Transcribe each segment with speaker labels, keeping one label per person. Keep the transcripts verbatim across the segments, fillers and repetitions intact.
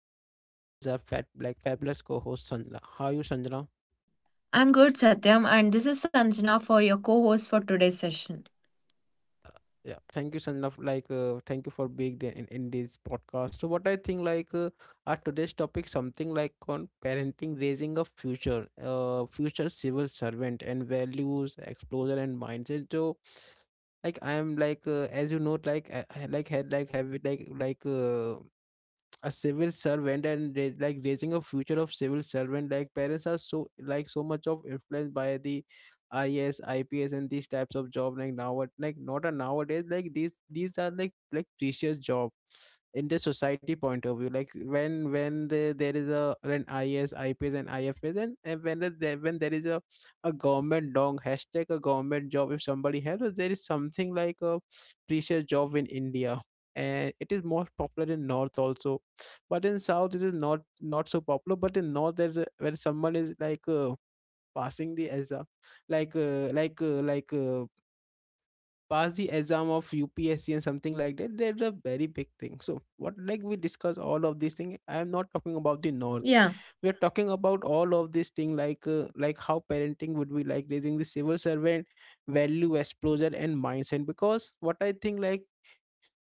Speaker 1: and with me is our fat like fabulous co-host Sanjana. How are you, Sanjana?
Speaker 2: I'm good, Satyam, and this is Sanjana for your co host for today's session.
Speaker 1: Yeah, thank you Sanjana for, like uh, thank you for being there in, in this podcast. So what I think, like uh, our today's topic something like on parenting, raising a future, uh, future civil servant, and values, exposure and mindset. So like I am like uh, as you know, like I, I like had like have it like like uh, a civil servant, and ra- like raising a future of civil servant. Like parents are so like so much of influenced by the I S, and these types of job, like now, like not a nowadays, like these these are like like precious job in the society point of view. Like when when the, there is a an I S, and I F S, and, and when the, there when there is a a government dong hashtag a government job, if somebody has, or there is something like a precious job in India. And it is more popular in north also, but in south it is not not so popular. But in north there's a- where someone is like uh, passing the exam, like uh, like uh, like uh, pass the exam of U P S C and something like that, there's a very big thing. So what like we discuss all of these things. I am not talking about the north,
Speaker 2: Yeah,
Speaker 1: we are talking about all of this thing, like uh, like how parenting would be like raising the civil servant, value, exposure and mindset. Because what I think, like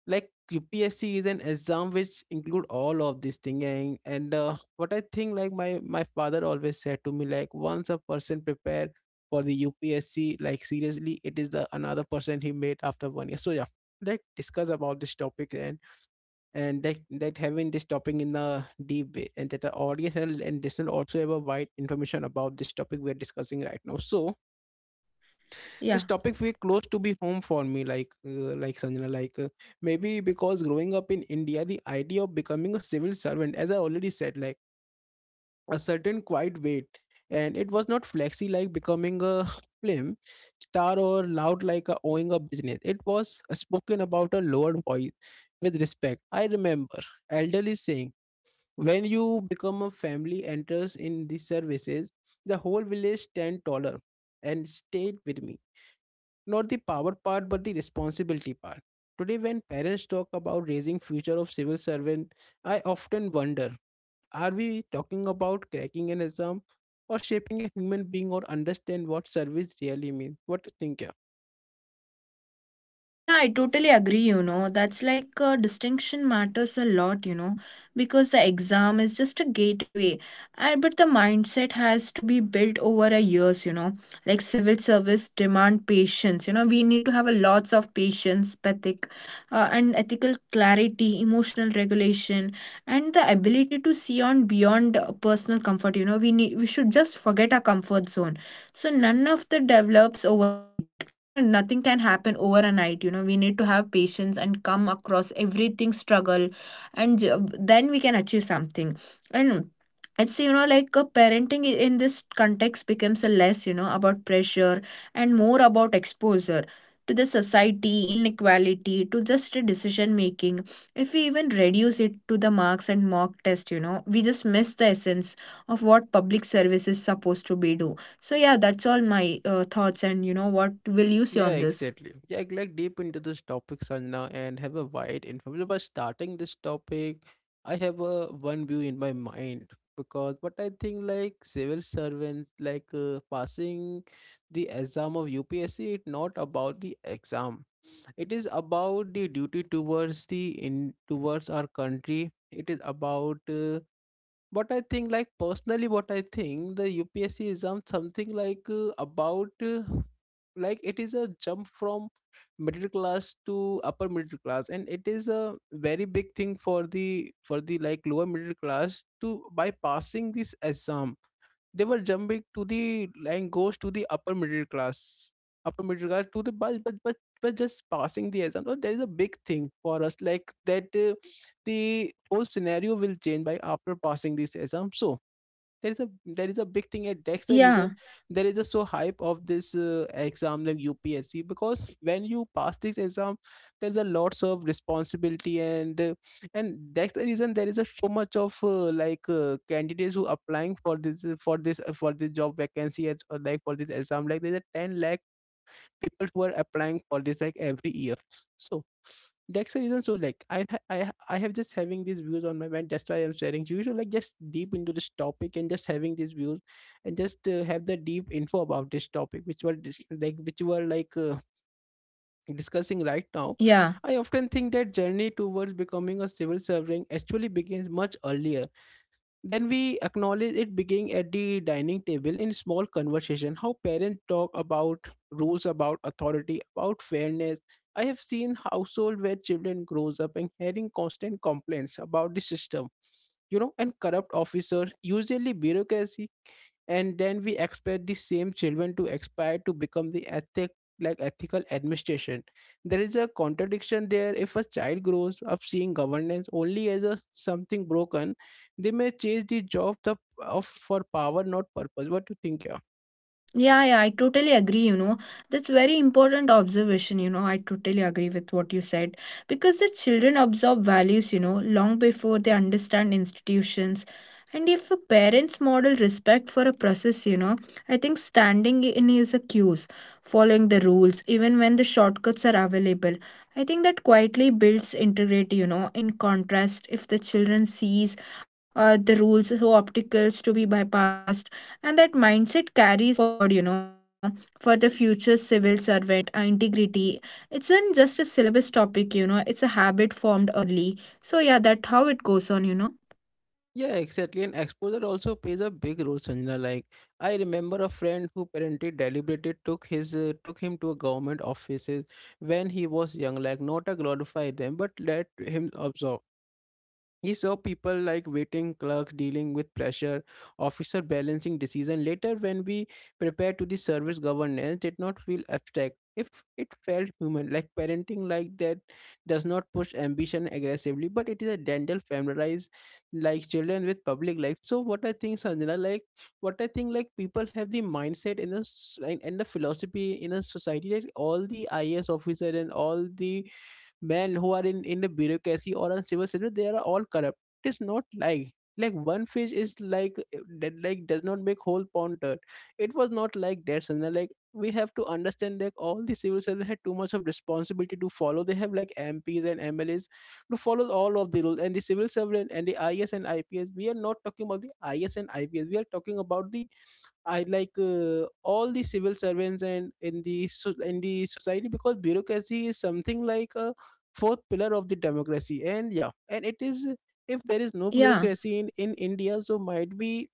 Speaker 1: like U P S C is an exam which include all of this thing, and, and uh, what I think, like my my father always said to me, like once a person prepare for the U P S C like seriously, it is the another person he made after one year. So yeah, let discuss about this topic, and and that that having this topic in a deep way, and that our audience and and listener also have a wide information about this topic we're discussing right now. So
Speaker 2: yeah.
Speaker 1: this topic feel close to be home for me, like uh, like Sanjana, like uh, maybe because growing up in India, the idea of becoming a civil servant, as I already said, like a certain quiet weight, and it was not flexy like becoming a film star, or loud like a owning a business. It was spoken about a lower voice, with respect. I remember elderly saying, when you become a family enters in the services, the whole village stand taller, and stayed with me, not the power part but the responsibility part. Today when parents talk about raising future of civil servant, I often wonder, are we talking about cracking an exam, or shaping a human being, or understand what service really means? What do you think? Yeah?
Speaker 2: Yeah, I totally agree. You know, that's like uh, distinction matters a lot, you know, because the exam is just a gateway. I, but the mindset has to be built over a years, you know, like civil service demand patience. You know, we need to have a lots of patience, pathic, uh, and ethical clarity, emotional regulation, and the ability to see on beyond uh, personal comfort. You know, we need we should just forget our comfort zone. So none of the develops overnight, you know, nothing can happen overnight, you know, we need to have patience and come across everything struggle and j- then we can achieve something. And it's you know like uh, parenting i- in this context becomes a less, you know, about pressure and more about exposure to the society inequality to just a decision making. If we even reduce it to the marks and mock test, you know, we just miss the essence of what public service is supposed to be do. So yeah, that's all my uh, thoughts. And you know what will you say
Speaker 1: Yeah,
Speaker 2: on this?
Speaker 1: exactly. Yeah, like like, deep into this topic, Sanjana, and have a wide information. By starting this topic, I have a one view in my mind, because what I think, like civil servants like uh, passing the exam of U P S C, it's not about the exam. It is about the duty towards the in towards our country. It is about uh, but I think, like personally, what I think, the U P S C exam something like uh, about uh, like it is a jump from middle class to upper middle class, and it is a very big thing for the for the like lower middle class. To by passing this exam, they were jumping to the and goes to the upper middle class. Upper middle class to the but but but, but just passing the exam. So there is a big thing for us, like that uh, the whole scenario will change by after passing this exam. So there is a there is a big thing at, that's the reason
Speaker 2: Yeah.
Speaker 1: there is a so hype of this uh, exam like U P S C. Because when you pass this exam, there's a lots of responsibility, and uh, and that's the reason there is a so much of uh, like uh, candidates who applying for this for this for this job vacancy, as or like for this exam. Like there's a 10 lakh people who are applying for this like every year. So that's the reason. So like i ha- i ha- i have just having these views on my mind, that's why I'm sharing. You should, like, just deep into this topic, and just having these views, and just uh, have the deep info about this topic, which were dis- like which were like uh, discussing right now.
Speaker 2: Yeah.
Speaker 1: I often think that journey towards becoming a civil servant actually begins much earlier then we acknowledge it, beginning at the dining table, in small conversation, how parents talk about rules, about authority, about fairness. I have seen household where children grows up and hearing constant complaints about the system, you know, and corrupt officer, usually bureaucracy, and then we expect the same children to aspire to become the ethic like ethical administration. There is a contradiction there. If a child grows up seeing governance only as a something broken, they may chase the job the, of for power, not purpose. What do you think here?
Speaker 2: Yeah, yeah, I totally agree, you know. That's very important observation, you know. I totally agree with what you said because the children absorb values, you know, long before they understand institutions. And if a parent's model respect for a process, you know, I think standing in his cues, following the rules, even when the shortcuts are available, I think that quietly builds integrity, you know. In contrast, if the children sees uh, the rules so obstacles to be bypassed, and that mindset carries forward, you know, for the future civil servant uh, integrity, it's not just a syllabus topic, you know, it's a habit formed early. So yeah, that's how it goes on, you know.
Speaker 1: Yeah, exactly. And exposure also plays a big role, Sanjana. Like I remember a friend who apparently deliberately took his uh, took him to a government offices when he was young. Like not to glorify them, but let him observe. He saw people like waiting clerks dealing with pressure, officer balancing decision. Later, when we prepared to the service, governance did not feel abstract. If it felt human, like parenting, like that does not push ambition aggressively, but it is a dental familiarize like children with public life. So what I think, Sanjana, like what I think, like people have the mindset in the s- and and the philosophy in a society that all the I A S officer and all the men who are in in the bureaucracy or on civil service, they are all corrupt. It is not like, like one fish is, like that, like does not make whole pond dirt. It was not like that, Sanjana. Like we have to understand that all the civil servants had too much of responsibility to follow. They have like MPs and MLAs to follow all of the rules. And the civil servant and the IS and IPS, we are not talking about the IS and IPS, we are talking about the I like uh, all the civil servants and in the so- in the society. Because bureaucracy is something like a fourth pillar of the democracy. And yeah, and it is, if there is no
Speaker 2: Yeah,
Speaker 1: bureaucracy in in India, so might be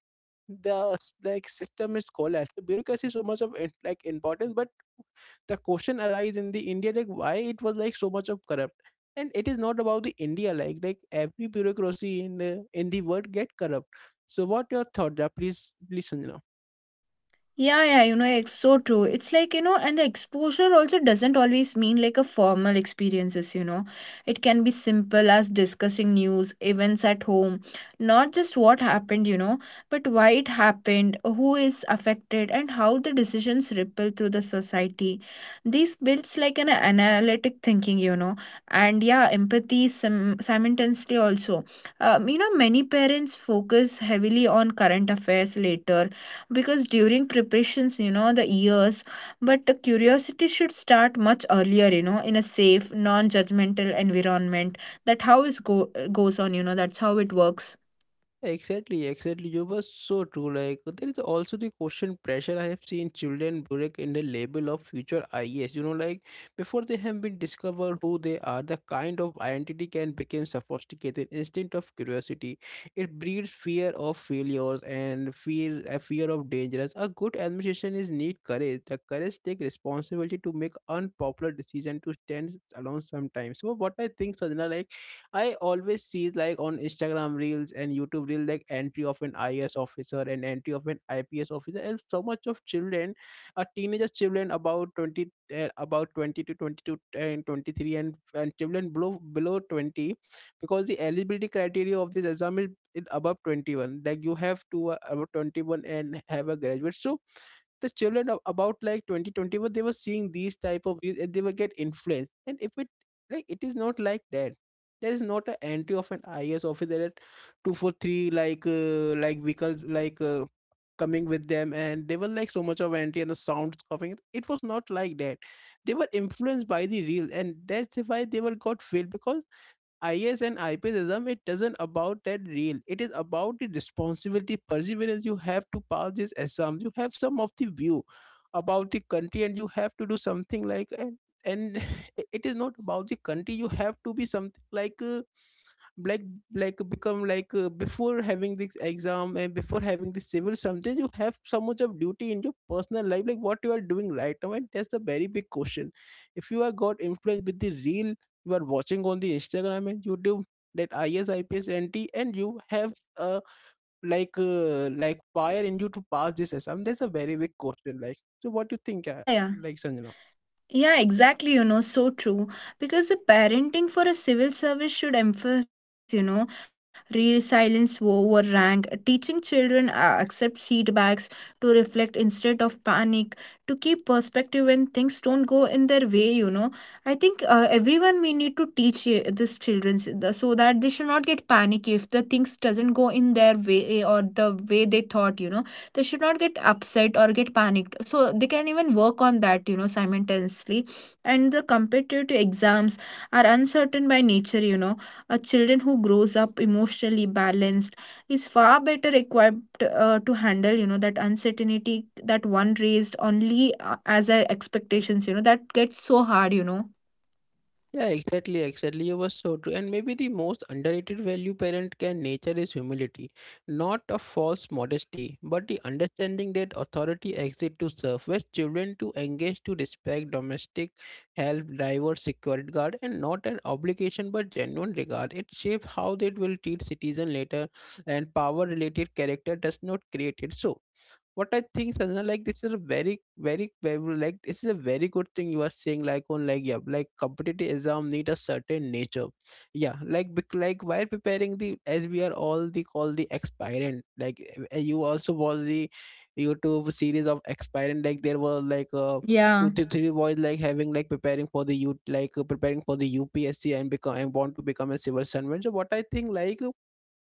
Speaker 1: the s- like system is collapsed. The bureaucracy is so much of in- like importance. But the question arises in the India, like why it was like so much of corrupt. And it is not about the India, like like every bureaucracy in uh, in the world get corrupt. So what your thought there, please, please Sanjana.
Speaker 2: yeah, yeah, you know, it's so true. It's like, you know, and the exposure also doesn't always mean like a formal experiences, you know. It can be simple as discussing news, events at home, not just what happened, you know, but why it happened, who is affected, and how the decisions ripple through the society. This builds like an analytic thinking, you know, and yeah, empathy sim- simultaneously also. Um, you know, many parents focus heavily on current affairs later because during preparations, you know, the years, but the curiosity should start much earlier, you know, in a safe non-judgmental environment, that how is go goes on, you know, that's how it works.
Speaker 1: Exactly, exactly. You were so true. Like there is also the question pressure. I have seen children break in the label of future I S. You know, like before they have been discovered who they are, the kind of identity can become sophisticated. Instinct of curiosity, it breeds fear of failures, and fear a fear of dangerous. A good administration is need courage. The courage take responsibility to make unpopular decision, to stand alone sometimes. So what I think, Sajna, like I always see like on Instagram reels and YouTube reels, like entry of an I A S officer and entry of an I P S officer, and so much of children, a teenager children about twenty, uh, about twenty to twenty-two and twenty-three, and, and children below below twenty. Because the eligibility criteria of this exam is is above twenty-one, like you have to, uh, above twenty-one and have a graduate. So the children of about like twenty twenty-one, they were seeing these type of reels, and they were get influenced. And if it, like it is not like that. There is not an entry of an I A S officer at two forty-three like uh, like vehicles like uh, coming with them, and they were like so much of entry, and the sounds coming, it was not like that. They were influenced by the real, and that's why they were got failed. Because I S and I P S exam, it doesn't about that real. It is about the responsibility, perseverance. You have to pass this exams. You have some of the view about the country, and you have to do something like, and and it is not about the country. You have to be something like. Uh, like like become like uh, before having this exam and before having this civil, sometimes you have so much of duty in your personal life like what you are doing right now, and that's the very big question if you are got influenced with the real. You are watching on the Instagram and YouTube that is I P S anti, and you have uh, like uh, like fire in you to pass this exam. That's a very big question. Like, so what do you think, uh,
Speaker 2: yeah yeah
Speaker 1: like, Sanjana?
Speaker 2: Yeah, exactly. You know, so true. Because the parenting for a civil service should emphasize, you know, real silence over rank, teaching children uh, accept feedbacks to reflect instead of panic, to keep perspective when things don't go in their way. You know, I think uh, everyone we need to teach uh, this children s- the- so that they should not get panicky if the things doesn't go in their way or the way they thought. You know, they should not get upset or get panicked so they can even work on that, you know, simultaneously. And the competitive exams are uncertain by nature, you know, a children who grows up emotionally balanced is far better equipped uh, to handle, you know, that uncertainty that one raised only uh, as a expectations, you know, that gets so hard, you know.
Speaker 1: Yeah, exactly, exactly. You were so true. And maybe the most underrated value parent can nature is humility, not a false modesty, but the understanding that authority exists to serve, where children to engage to respect, domestic, help, driver, security guard, and not an obligation but genuine regard. It shapes how they will treat citizen later, and power related character does not create it. So what I think, Sanjana, like this is a very, very, very, like this is a very good thing you are saying. Like on like yeah, like competitive exam need a certain nature. Yeah, like bec- like while preparing the as we are all the call the expirant. Like uh, you also watch the YouTube series of expirant. Like there were like uh
Speaker 2: Yeah
Speaker 1: two to three boys like having like preparing for the U like uh, preparing for the U P S C and become and want to become a civil servant. So what I think, like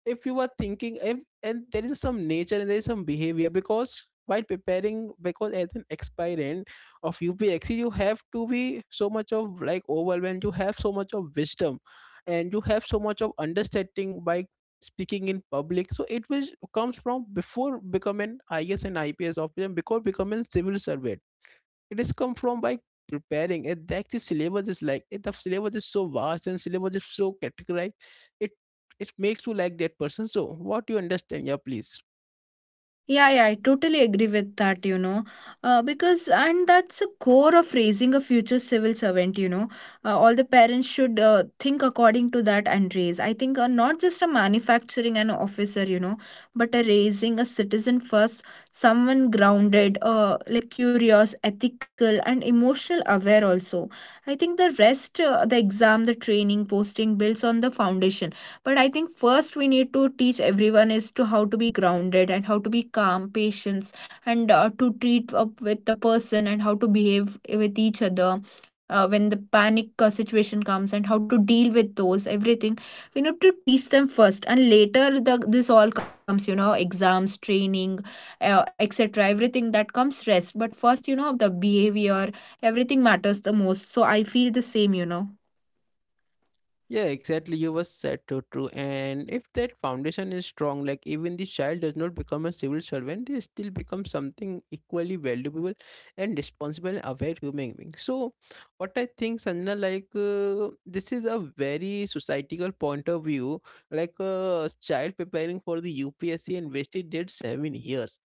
Speaker 1: if you are thinking if and there is some nature and there is some behavior, because while preparing, because as an aspirant of U P X C you have to be so much of like overwhelmed, you have so much of wisdom and you have so much of understanding by speaking in public, so it was comes from before becoming I S and I P S officer, before becoming civil servant. It is come from by preparing. And like the syllabus is like it, the syllabus is so vast and syllabus is so categorized. It it makes you like that person. So what you understand? Yeah, please.
Speaker 2: Yeah, yeah, I totally agree with that, you know. Uh, because and that's a core of raising a future civil servant, you know. Uh, all the parents should uh, think according to that and raise. I think uh, not just a manufacturing an officer, you know, but a raising a citizen first, someone grounded, uh, like curious, ethical, and emotional aware also. I think the rest, uh, the exam, the training, posting builds on the foundation. But I think first we need to teach everyone as to how to be grounded and how to be calm patience, and uh, to treat up with the person and how to behave with each other uh, when the panic uh, situation comes and how to deal with those everything. We need to teach them first, and later the, this all comes, you know, exams training, uh, etc, everything that comes rest. But first, you know, the behavior everything matters the most. So I feel the same, you know.
Speaker 1: Yeah, exactly. You were said so true. And if that foundation is strong, like even the child does not become a civil servant, they still become something equally valuable and responsible and aware human being. So, what I think, Sanjana, like uh, this is a very societal point of view. Like a child preparing for the U P S C and wasted their seven years,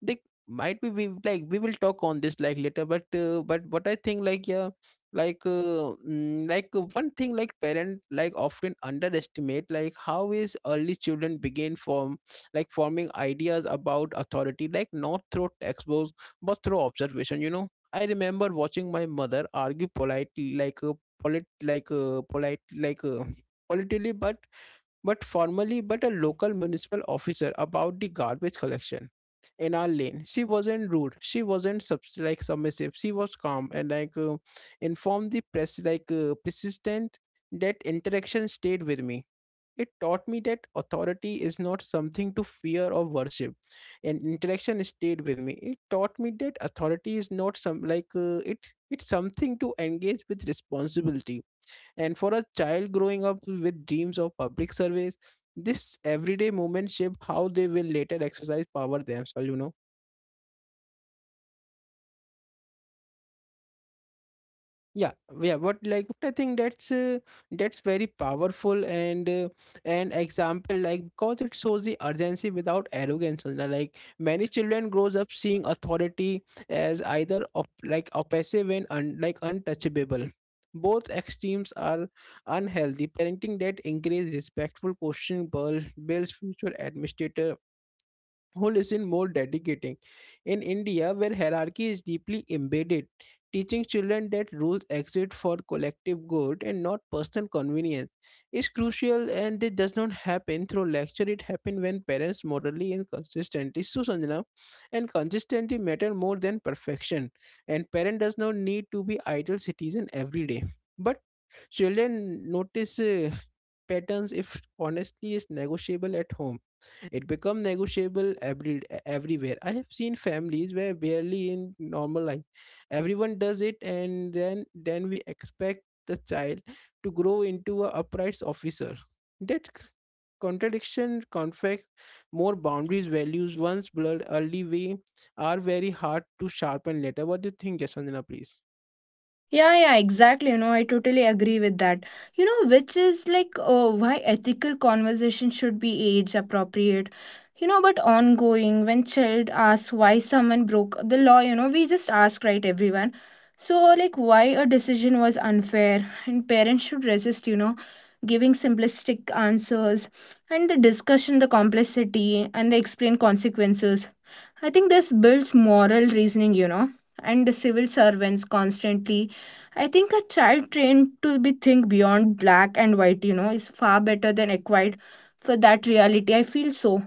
Speaker 1: they might be, we like we will talk on this like later, but uh, but what I think, like yeah, like uh, mm, like uh, one thing, like parent like often underestimate like how is early children begin from, like forming ideas about authority, like not through textbooks but through observation, you know. I remember watching my mother argue politely, like a polit like a polite like a politely but but formally but a local municipal officer about the garbage collection in our lane. She wasn't rude, she wasn't subs- like submissive she was calm and like uh, informed the press, like uh, persistent. That interaction stayed with me. It taught me that authority is not something to fear or worship. And interaction stayed with me, it taught me that authority is not some like uh, it it's something to engage with responsibility. And for a child growing up with dreams of public service, this everyday moment shape how they will later exercise power themselves, you know. Yeah, yeah, but like I think that's uh, that's very powerful, and uh, an example like, because it shows the urgency without arrogance, you know, like many children grows up seeing authority as either op- like oppressive and un- like untouchable both extremes are unhealthy. Parenting that encourages respectful questioning builds builds future administrator who listen more dedicating. In India, where hierarchy is deeply embedded, teaching children that rules exist for collective good and not personal convenience is crucial, and it does not happen through lecture, it happens when parents morally and consistently. So Sanjana, and consistency matter more than perfection. And parent does not need to be ideal citizen every day. But children notice uh, patterns. If honestly is negotiable at home, it become negotiable every everywhere. I have seen families where barely in normal life, everyone does it, and then then we expect the child to grow into a upright officer. That c- contradiction, conflict,
Speaker 2: Yeah
Speaker 1: more boundaries, values once blurred early way are very hard to sharpen later. What do you think, Yasandana, please?
Speaker 2: Yeah, yeah, exactly. You know, I totally agree with that. You know, which is like uh, why ethical conversation should be age appropriate. You know, but ongoing when child asks why someone broke the law, you know, we just ask right everyone. So like why a decision was unfair, and parents should resist, you know, giving simplistic answers and the discussion, the complexity and the explain consequences. I think this builds moral reasoning, you know, and civil servants constantly. I think a child trained to be think beyond black and white, you know, is far better than acquired for that reality. I feel so.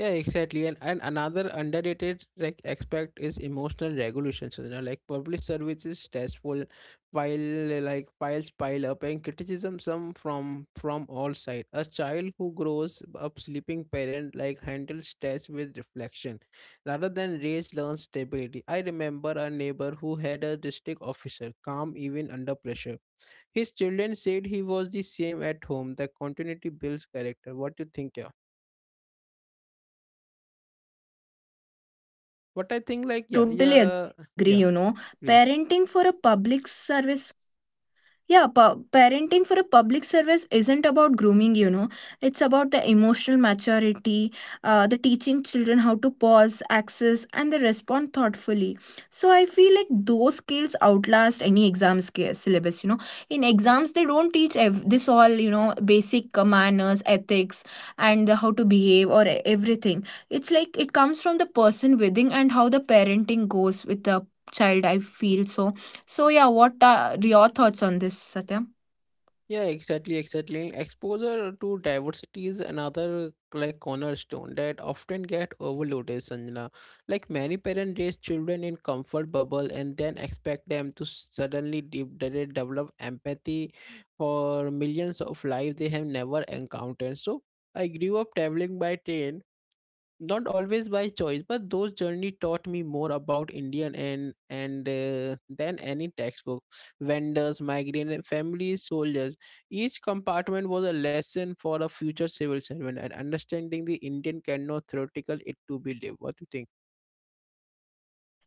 Speaker 1: Yeah, exactly. And, and another underrated like aspect is emotional regulation. So, you know, like public service is stressful while uh, like files pile up and criticism some from from all sides. A child who grows up sleeping parent like handles stress with reflection rather than rage learns stability. I remember a neighbor who had a district officer calm even under pressure. His children said he was the same at home. The continuity builds character. What do you think, yeah? What I
Speaker 2: Yeah,
Speaker 1: think,
Speaker 2: yeah, I
Speaker 1: like, yeah,
Speaker 2: totally agree, you
Speaker 1: yeah,
Speaker 2: know.
Speaker 1: yeah,
Speaker 2: Parenting for
Speaker 1: please.
Speaker 2: a public service. Yeah, pa- parenting for a public service isn't about grooming, you know. It's about the emotional maturity, uh, the teaching children how to pause, access, and they respond thoughtfully. So I feel like those skills outlast any exam sca- syllabus, you know. In exams, they don't teach ev- this all, you know, basic uh, manners, ethics, and how to behave or e- everything. It's like it comes from the person within and how the parenting goes with the child, I feel so. So yeah, what are your thoughts on this, Satya?
Speaker 1: Yeah, exactly, exactly. Exposure to diversity is another like cornerstone that often get overloaded, Sanjana. Like many parents raise children in comfort bubble and then expect them to suddenly de- de- develop empathy for millions of lives they have never encountered. So I grew up traveling by train, not always by choice, but those journey taught me more about indian and and uh, than any textbook. Vendors, migrant families, soldiers, each compartment was a lesson for a future civil servant, and understanding the indian cannot theoretical, it to be lived. What do you think?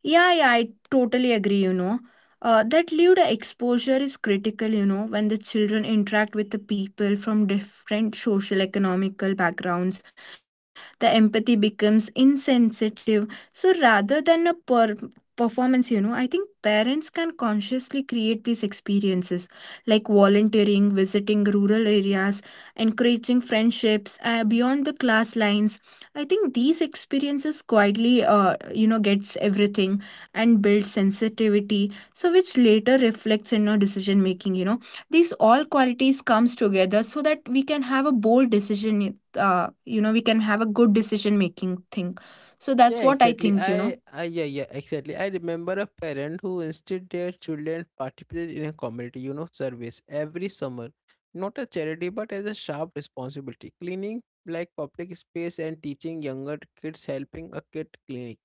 Speaker 2: Yeah, yeah, I totally agree, you know. Uh, that lived exposure is critical, you know, when the children interact with the people from different social economical backgrounds, the empathy becomes insensitive. So rather than a per- performance, you know, I think parents can consciously create these experiences like volunteering, visiting rural areas, encouraging friendships uh, beyond the class lines. I think these experiences quietly, uh, you know, gets everything and build sensitivity, so which later reflects in your decision making, you know. These all qualities comes together so that we can have a bold decision, uh, you know, we can have a good decision making thing. So that's
Speaker 1: Yeah,
Speaker 2: what I
Speaker 1: exactly.
Speaker 2: think, you know.
Speaker 1: I, I yeah, yeah, exactly. I remember a parent who instead their children participated in a community, you know, service every summer. Not a charity, but as a sharp responsibility. Cleaning like public space and teaching younger kids, helping a kid clinic.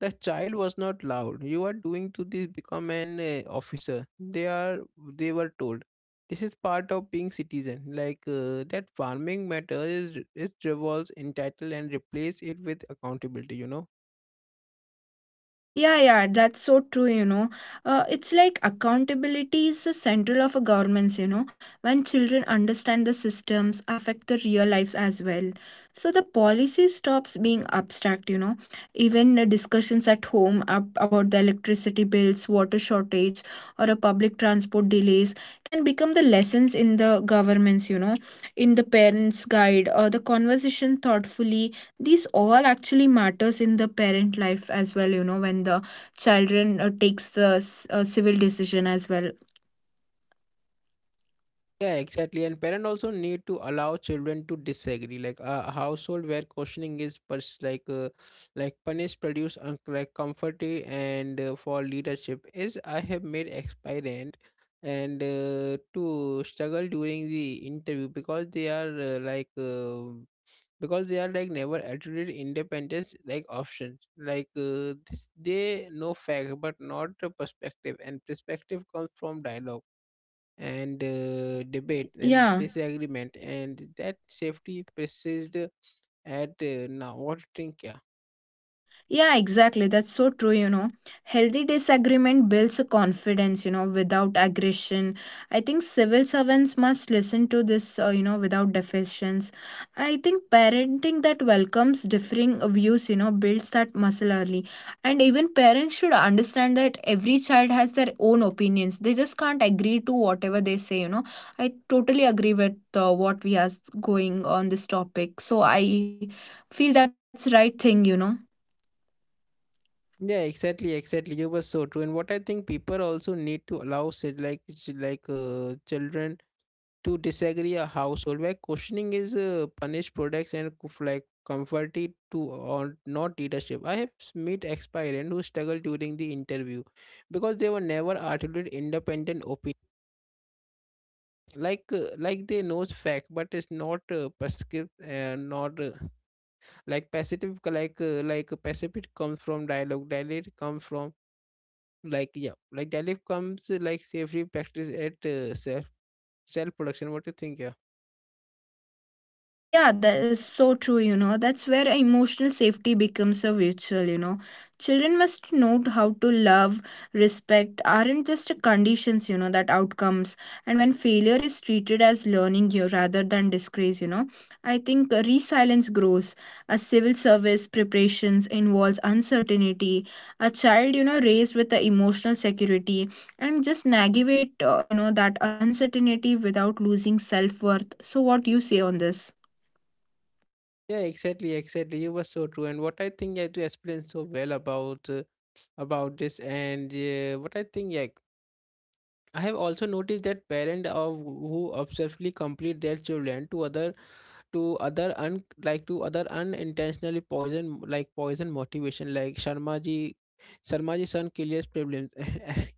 Speaker 1: The child was not loud. You are doing to this become an uh, officer. They are they were told. This is part of being citizen. Like uh, that farming matter is it revolves entitled and replace it with accountability, you know.
Speaker 2: Yeah, yeah, that's so true, you know. Uh, it's like accountability is the central of a government's, you know, when children understand the systems affect their real lives as well. So the policy stops being abstract, you know. Even uh, discussions at home ab- about the electricity bills, water shortage, or a public transport delays can become the lessons in the governments, you know, in the parents' guide or the conversation thoughtfully. These all actually matters in the parent life as well, you know, when the children uh, takes the s- uh, civil decision as well.
Speaker 1: Yeah, exactly. And parents also need to allow children to disagree. Like uh, a household where questioning is pers- like uh, like punished produce un- like comfort eh, and uh, for leadership is I have made experiment, and uh, to struggle during the interview because they are uh, like uh, because they are like never attributed independence, like options, like uh, this they know fact but not the perspective, and perspective comes from dialogue and uh, debate and
Speaker 2: Yeah,
Speaker 1: disagreement, and that safety persists at uh, now. What do you think? Yeah,
Speaker 2: Yeah, exactly. That's so true, you know. Healthy disagreement builds a confidence, you know, without aggression. I think civil servants must listen to this, uh, you know, without deficiencies. I think parenting that welcomes differing views, you know, builds that muscle early. And even parents should understand that every child has their own opinions. They just can't agree to whatever they say, you know. I totally agree with uh, what we are going on this topic. So I feel that's right thing, you know.
Speaker 1: yeah, exactly, exactly. You were so true. And what I think, people also need to allow say, like ch- like uh, children to disagree, a household where questioning is uh, punished products and cof- like comforted to or not leadership. I have s- met ex-parent who struggled during the interview because they were never articulate independent, like uh, like they knows fact
Speaker 2: Yeah.
Speaker 1: but it's not uh, prescript uh, not uh, like passive, like uh, like passive, it comes from dialogue. Dialogue come from, like yeah, like dialogue comes, uh, like safely practice at uh, self self production. What do you think? Yeah,
Speaker 2: Yeah, that is so true, you know. That's where emotional safety becomes a virtual, you know. Children must know how to love, respect aren't just conditions, you know, that outcomes. And when failure is treated as learning you rather than disgrace, you know, I think uh, resilience grows. A civil service preparations involves uncertainty. A child, you know, raised with the emotional security and just navigate, uh, you know, that uncertainty without losing self worth. So, what do you say on this?
Speaker 1: yeah, exactly, exactly. You were so true. And what I think, I do explain so well about uh, about this, and uh, what I think, like I have also noticed that parent of who obsessively complete their children to other, to other un like to other unintentionally poison, like poison motivation, like Sharma ji, Sharma ji son kills problems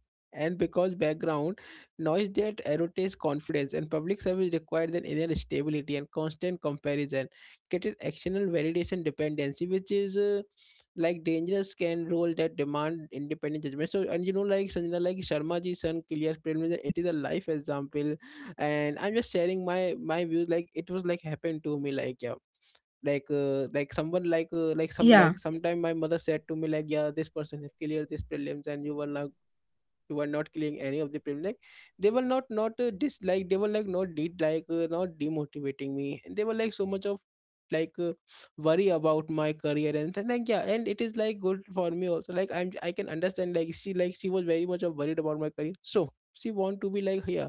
Speaker 1: and because background noise that erodes confidence, and public service requires an inner stability, and constant comparison created external validation dependency, which is uh, like dangerous can role that demand independent judgment. So, and you know, like Sanjana, like Sharma ji son clear premium, it is a life example. And I'm just sharing my my views, like it was like happened to me, like yeah. Like uh, like someone like uh, like some,
Speaker 2: Yeah.
Speaker 1: like sometime my mother said to me, like yeah, this person have cleared this prelims and you were not. You were not clearing any of the prelims, like they were not not uh, dis like they were like not did like uh, not demotivating me, and they were like so much of like uh, worry about my career. And then like yeah, and it is like good for me also, like I'm, I can understand, like she, like she was very much of worried about my career, so she want to be like yeah,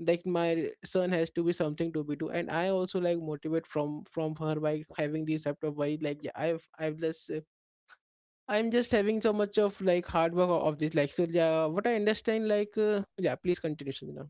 Speaker 1: like my son has to be something to be do. And I also like motivate from from her by having this laptop worry. Like yeah, i've i've just uh, i'm just having so much of like hard work o- of this, like. So yeah, what I understand, like uh, yeah, please continue, Sanjana.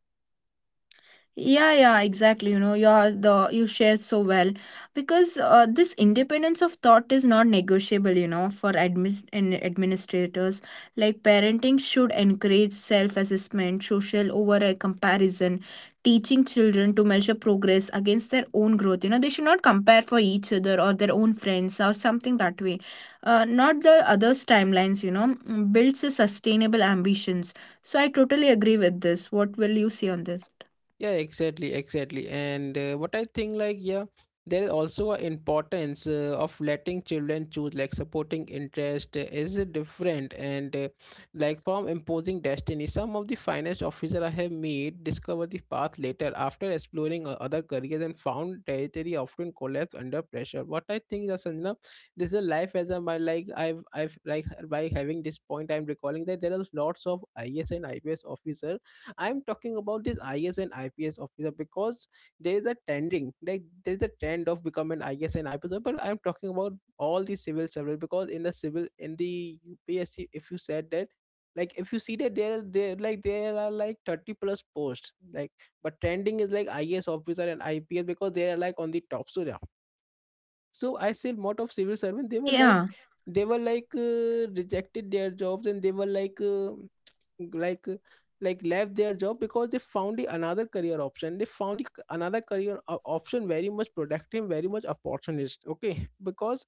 Speaker 2: Yeah, yeah, exactly. You know, you're the you share so well because uh, this independence of thought is not negotiable. You know, for admin and administrators, like parenting should encourage self-assessment, social over a comparison, teaching children to measure progress against their own growth. You know, they should not compare for each other or their own friends or something that way. Uh, not the others' timelines. You know, builds a sustainable ambitions. So I totally agree with this. What will you say on this?
Speaker 1: Yeah, exactly exactly and uh, what I think, like yeah there is also an importance uh, of letting children choose, like supporting interest uh, is uh, different and uh, like from imposing destiny. Some of the finest officer I have made discover the path later after exploring uh, other careers, and found territory often collapse under pressure. What I think is, you know, this is life as a my, like I've I've like by having this point, I'm recalling that there are lots of is and I P S officer. I'm talking about this is and ips officer because there is a tending like there is a trend of becoming an is and ips officer. But I'm talking about all the civil servants, because in the civil in the upsc, if you said that, like if you see that there are there like there are like thirty plus posts, like but trending is like is officer and ips, because they are like on the top. So yeah, so I see a lot of civil servants. They were like
Speaker 2: Yeah,
Speaker 1: they were like uh, rejected their jobs, and they were like uh, like uh, like left their job because they found the another career option. They found the c- another career o- option very much productive, very much opportunist. Okay. Because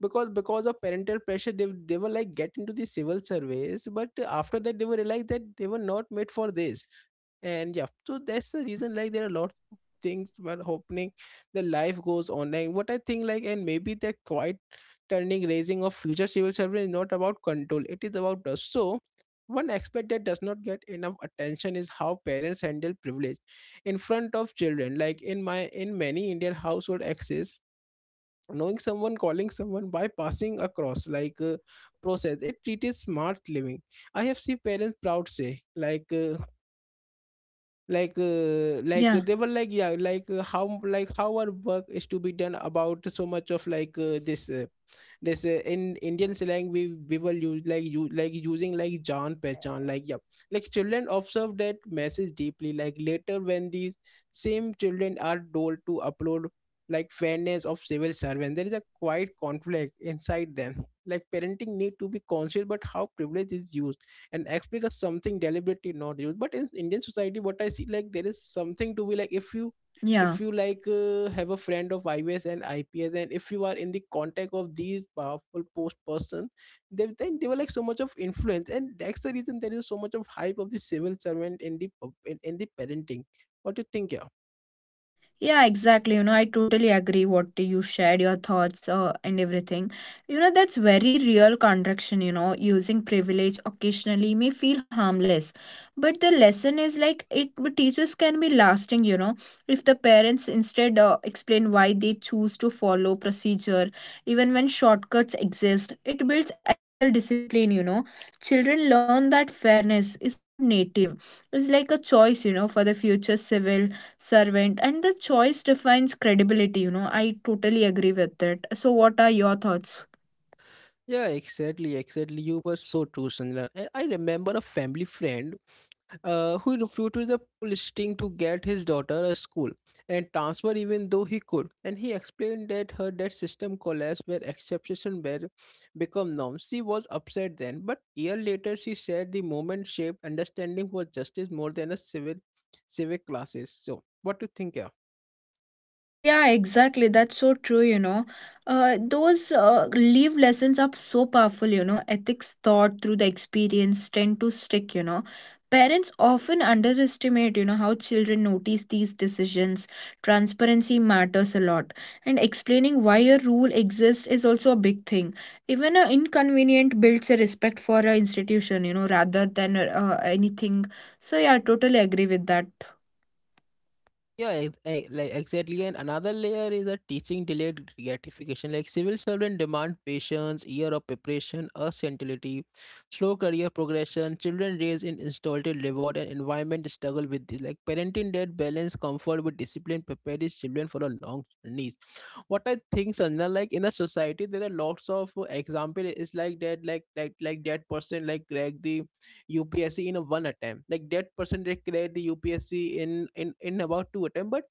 Speaker 1: because because of parental pressure, they, they were like get into the civil service, but after that they were realized that they were not made for this. And yeah, so that's the
Speaker 2: yeah,
Speaker 1: reason, like there are a lot of things were happening. The life goes online. What I think, like and maybe that quiet turning, raising of future civil servants is not about control, it is about trust. So one aspect that does not get enough attention is how parents handle privilege in front of children. Like in my in many Indian household, access, knowing someone, calling someone, by passing across, like uh, process, it treats smart living. I have seen parents proud say, like uh, like uh,
Speaker 2: yeah,
Speaker 1: like uh, they were like yeah, like uh, how, like how our work is to be done, about so much of like uh, this uh, this uh, in Indian slang we we were use, like you like using like John Pechan, like yeah. Like children observe that message deeply. Like later, when these same children are told to upload, like fairness of civil servants, there is a quiet conflict inside them. Like parenting need to be conscious, but how privilege is used and explain as something deliberately not used. But in Indian society, what I see, like there is something to be like, if you if
Speaker 2: yeah.
Speaker 1: you like uh, have a friend of I O S and I P S, and if you are in the contact of these powerful post person, they, then they were like so much of influence, and that's the reason there is so much of hype of the civil servant in the pub- in, in the parenting. What do you think, yeah?
Speaker 2: Yeah, exactly. You know, I totally agree what you shared, your thoughts uh, and everything. You know, that's very real contraction, you know, using privilege occasionally may feel harmless. But the lesson is like it teachers can be lasting, you know, if the parents instead uh, explain why they choose to follow procedure, even when shortcuts exist, it builds ethical discipline, you know. Children learn that fairness is not native. It's like a choice, you know, for the future civil servant, and the choice defines credibility. You know, I totally agree with it. So what are your thoughts?
Speaker 1: Yeah exactly exactly you were so true, Sanjana. And I remember a family friend uh, who refused the listing to get his daughter a school and transfer, even though he could. And he explained that her that system collapsed where exceptions were become norms. She was upset then, but year later she said the moment shaped understanding was justice more than a civil civic classes. So what do you think, yeah?
Speaker 2: Yeah, exactly. That's so true, you know. Uh, those uh, live lessons are so powerful, you know. Ethics taught through the experience tend to stick, you know. Parents often underestimate, you know, how children notice these decisions. Transparency matters a lot. And explaining why a rule exists is also a big thing. Even an inconvenient builds a respect for an institution, you know, rather than uh, anything. So, yeah, I totally agree with that.
Speaker 1: Yeah, ex- eh, like exactly. And another layer is a teaching delayed gratification. Like civil servant demand patience, year of preparation, versatility, slow career progression. Children raised in installed reward and environment struggle with this. Like parenting that balance comfort with discipline prepare these children for a long journeys. What I think, Sanjana, like in a society there are lots of uh, example. It's like that, like like like that person like Greg the U P S C in a one attempt. Like that person, they cleared the U P S C in in in about two attempt. But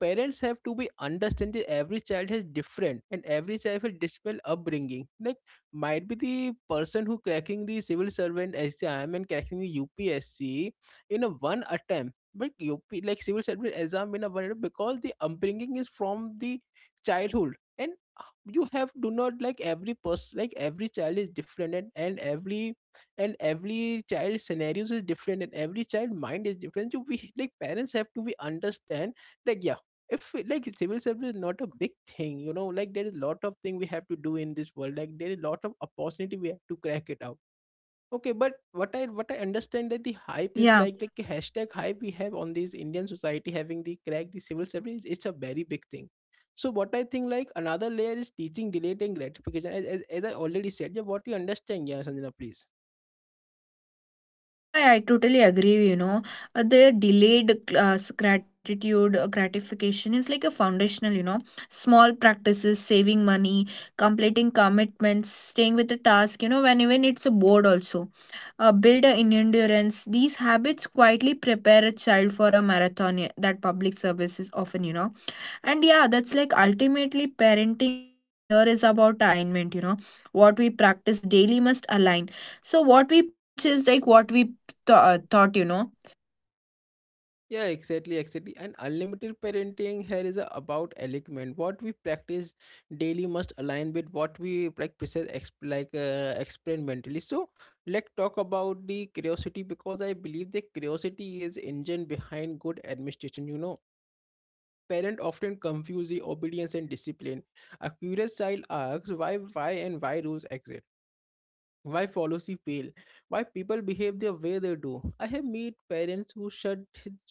Speaker 1: parents have to be understand that every child has different, and every child has different upbringing. Like, might be the person who cracking the civil servant exam and cracking the U P S C in a one attempt. But U P like civil servant exam in a one attempt, because the upbringing is from the childhood. And you have do not, like every person, like every child is different, and, and every and every child scenarios is different, and every child mind is different. So we like parents have to be understand, like yeah, if like civil service is not a big thing, you know. Like there is a lot of thing we have to do in this world, like there is a lot of opportunity we have to crack it out. Okay, but what I what I understand that the hype is
Speaker 2: Yeah.
Speaker 1: like like the hashtag hype we have on this Indian society, having the crack the civil service. It's a very big thing. So what I think, like another layer is teaching delayed and gratification. As, as, as I already said, yeah, what you understand, yeah, Sanjana, please.
Speaker 2: Yeah, yeah, I totally agree. You know, Uh, the delayed uh, s- gratitude uh, gratification is like a foundational, you know, small practices, saving money, completing commitments, staying with a task, you know, when even it's a board also. Uh, build a in endurance. These habits quietly prepare a child for a marathon, yeah, that public service is often, you know. And yeah, that's like ultimately parenting here is about alignment, you know. What we practice daily must align. So, what we preach is like what we th- uh, thought, you know.
Speaker 1: Yeah, exactly, exactly. And unlimited parenting here is about alignment. What we practice daily must align with what we like precise exp- like uh, experimentally. So let's talk about the curiosity, because I believe the curiosity is engine behind good administration. You know, parent often confuse the obedience and discipline. A curious child asks why, why, and why rules exist, why policy fail, why people behave the
Speaker 2: Yeah.
Speaker 1: way they do. I have meet parents who shut,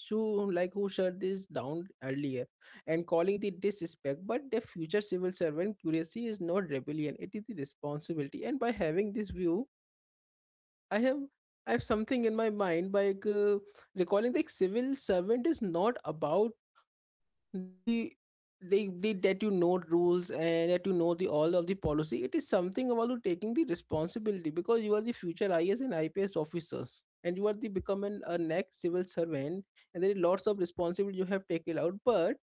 Speaker 1: who like who shut this down earlier and calling the disrespect. But the future civil servant curiosity is not rebellion, it is the responsibility. And by having this view, i have I have something in my mind by uh, recalling that civil servant is not about the they, they that you know rules and that you know the all of the policy. It is something about you taking the responsibility, because you are the future I A S and ips officers, and you are the becoming a next civil servant. And there is lots of responsibility you have taken out. But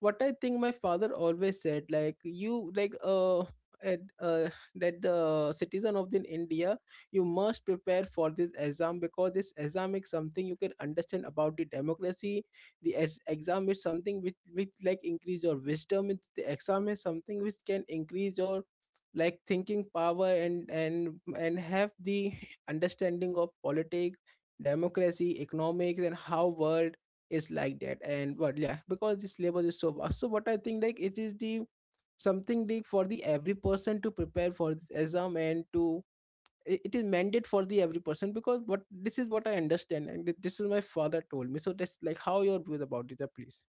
Speaker 1: what I think, my father always said, like you, like uh, at, uh, that the citizen of the India, you must prepare for this exam, because this exam is something you can understand about the democracy. The ex- exam is something which which like increase your wisdom. It's, the exam is something which can increase your like thinking power, and and and have the understanding of politics, democracy, economics, and how world is like that. And but yeah, because this syllabus is so vast, so what I think, like it is the something like for the every person to prepare for the exam and to i- it is mandate for the every person. Because what, this is what I understand, and this is my father told me. So that's, like how your views about it, uh, please.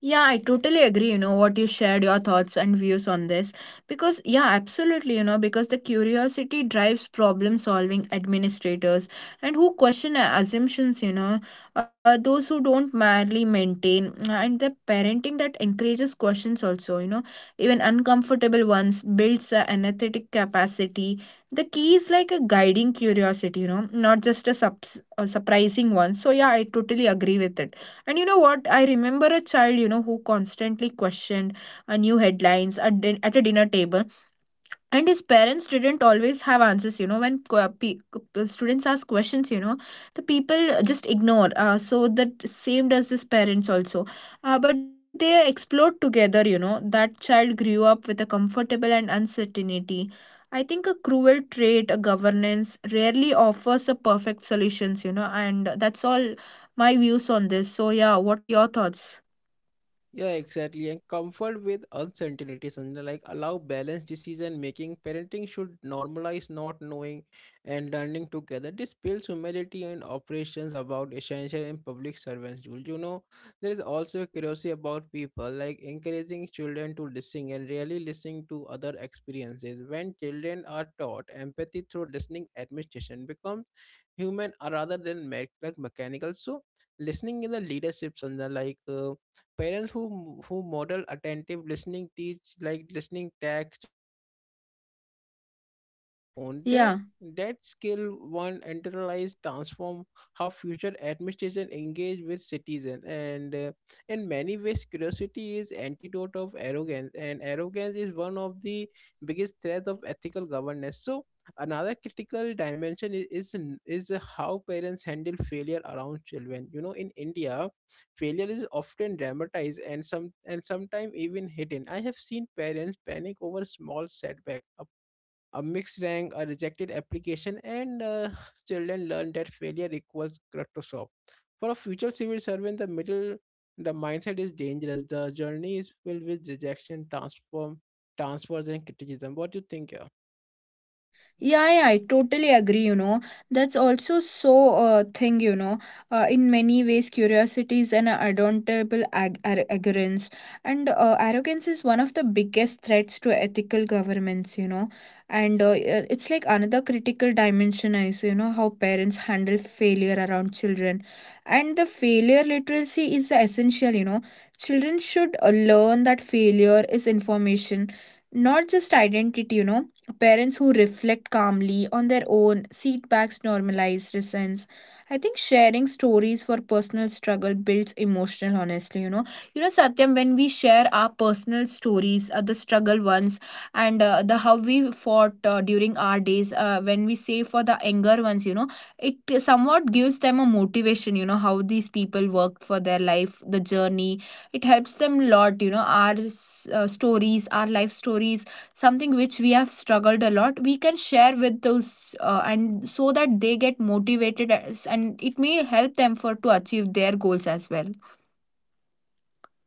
Speaker 2: Yeah, I totally agree, you know, what you shared, your thoughts and views on this. Because, yeah, absolutely, you know, because the curiosity drives problem solving administrators and who question uh, assumptions, you know, uh, those who don't merely maintain uh, and the parenting that encourages questions also, you know, even uncomfortable ones builds uh, an athletic capacity. The key is like a guiding curiosity, you know, not just a, subs- a surprising one. So, yeah, I totally agree with it. And you know what? I remember a child, you know, who constantly questioned a new headlines at, din- at a dinner table, and his parents didn't always have answers. You know, when qu- pe- qu- students ask questions, you know, the people just ignore, uh, so that same does his parents also. Uh, but they explored together. You know, that child grew up with a comfortable and uncertainty. I think a cruel trait, a governance rarely offers a perfect solutions, you know, and that's all my views on this. So yeah, what are your thoughts?
Speaker 1: Yeah, exactly. And comfort with uncertainty, Sanjana. Like allow balanced decision making. Parenting should normalize not knowing and learning together. This builds humility and operations about essential and public servants. Jul. You know, there is also curiosity about people, like encouraging children to listen and really listening to other experiences. When children are taught empathy through listening, administration becomes human, uh, rather than me- like mechanical. So listening in the leadership, Sandhya, like uh, parents who who model attentive listening teach, like listening tag children value perspective beyond their own, their
Speaker 2: Yeah.
Speaker 1: that skill one internalize transform how future administration engage with citizen. And uh, in many ways, curiosity is antidote of arrogance, and arrogance is one of the biggest threats of ethical governance. So another critical dimension is is, n- is how parents handle failure around children. You know, in India failure is often dramatized, and some and sometimes even hidden. I have seen parents panic over small setback, a, a mixed rank, a rejected application. And uh, children learn that failure equals catastrophe. For a future civil servant, the middle the mindset is dangerous. The journey is filled with rejection, transform transfers, and criticism. What do you think, yeah?
Speaker 2: Yeah, yeah, I totally agree, you know. That's also so uh, thing, you know. Uh, in many ways, curiosity is an adorable ag- ar- arrogance. And uh, arrogance is one of the biggest threats to ethical governments, you know. And uh, uh, it's like another critical dimension is, you know, how parents handle failure around children. And the failure literacy is essential, you know. Children should uh, learn that failure is information, not just identity, you know. Parents who reflect calmly on their own setbacks normalize resents. I think sharing stories for personal struggle builds emotional honestly, you know. You know, Satyam, when we share our personal stories, uh, the struggle ones, and uh, the how we fought uh, during our days, uh, when we say for the anger ones, you know, it somewhat gives them a motivation, you know, how these people worked for their life, the journey. It helps them a lot, you know, our uh, stories, our life stories, something which we have struggled a lot. We can share with those uh, and so that they get motivated, as, and it may help them for to achieve their goals as well.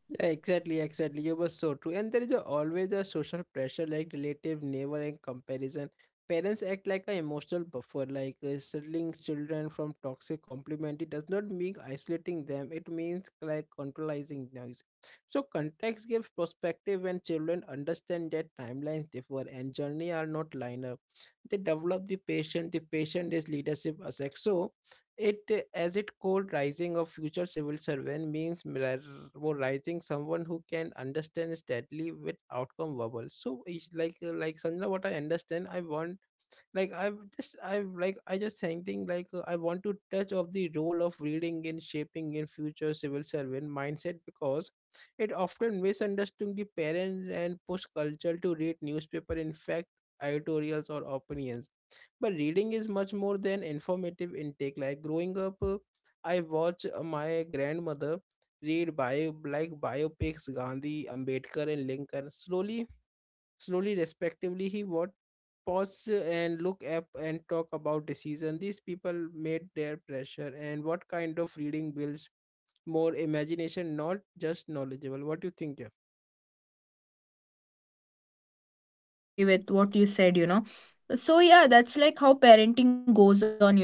Speaker 1: Yeah, exactly, exactly. You were so true. And there is a, always a social pressure, like relative, neighbor, and comparison. Parents act like an emotional buffer, like uh, settling children from toxic compliment. It does not mean isolating them, it means like controlling noise. So context gives perspective when children understand that timelines differ and journey are not linear. They develop the patient, the patient is leadership as. So it, uh, as it called, rising of future civil servant means ra- wo rising someone who can understand steadily with outcome verbal. So it's like uh, like Sandra, what I understand, I want like I've just I've like I just thinking like uh, I want to touch of the role of reading in shaping in future civil servant mindset because it often misunderstood the parent and push culture to read newspaper, in fact editorials or opinions, but reading is much more than informative intake. Like growing up, uh, I watch uh, my grandmother read bio, like biopics Gandhi, Ambedkar and Lincoln slowly slowly respectively, he what pause, and look up and talk about decision these people made their pressure, and what kind of reading builds more imagination, not just knowledgeable. What do you think, yeah?
Speaker 2: Yeah, you know, I totally agree with what you said. You know, so yeah, that's like how parenting goes on, you know,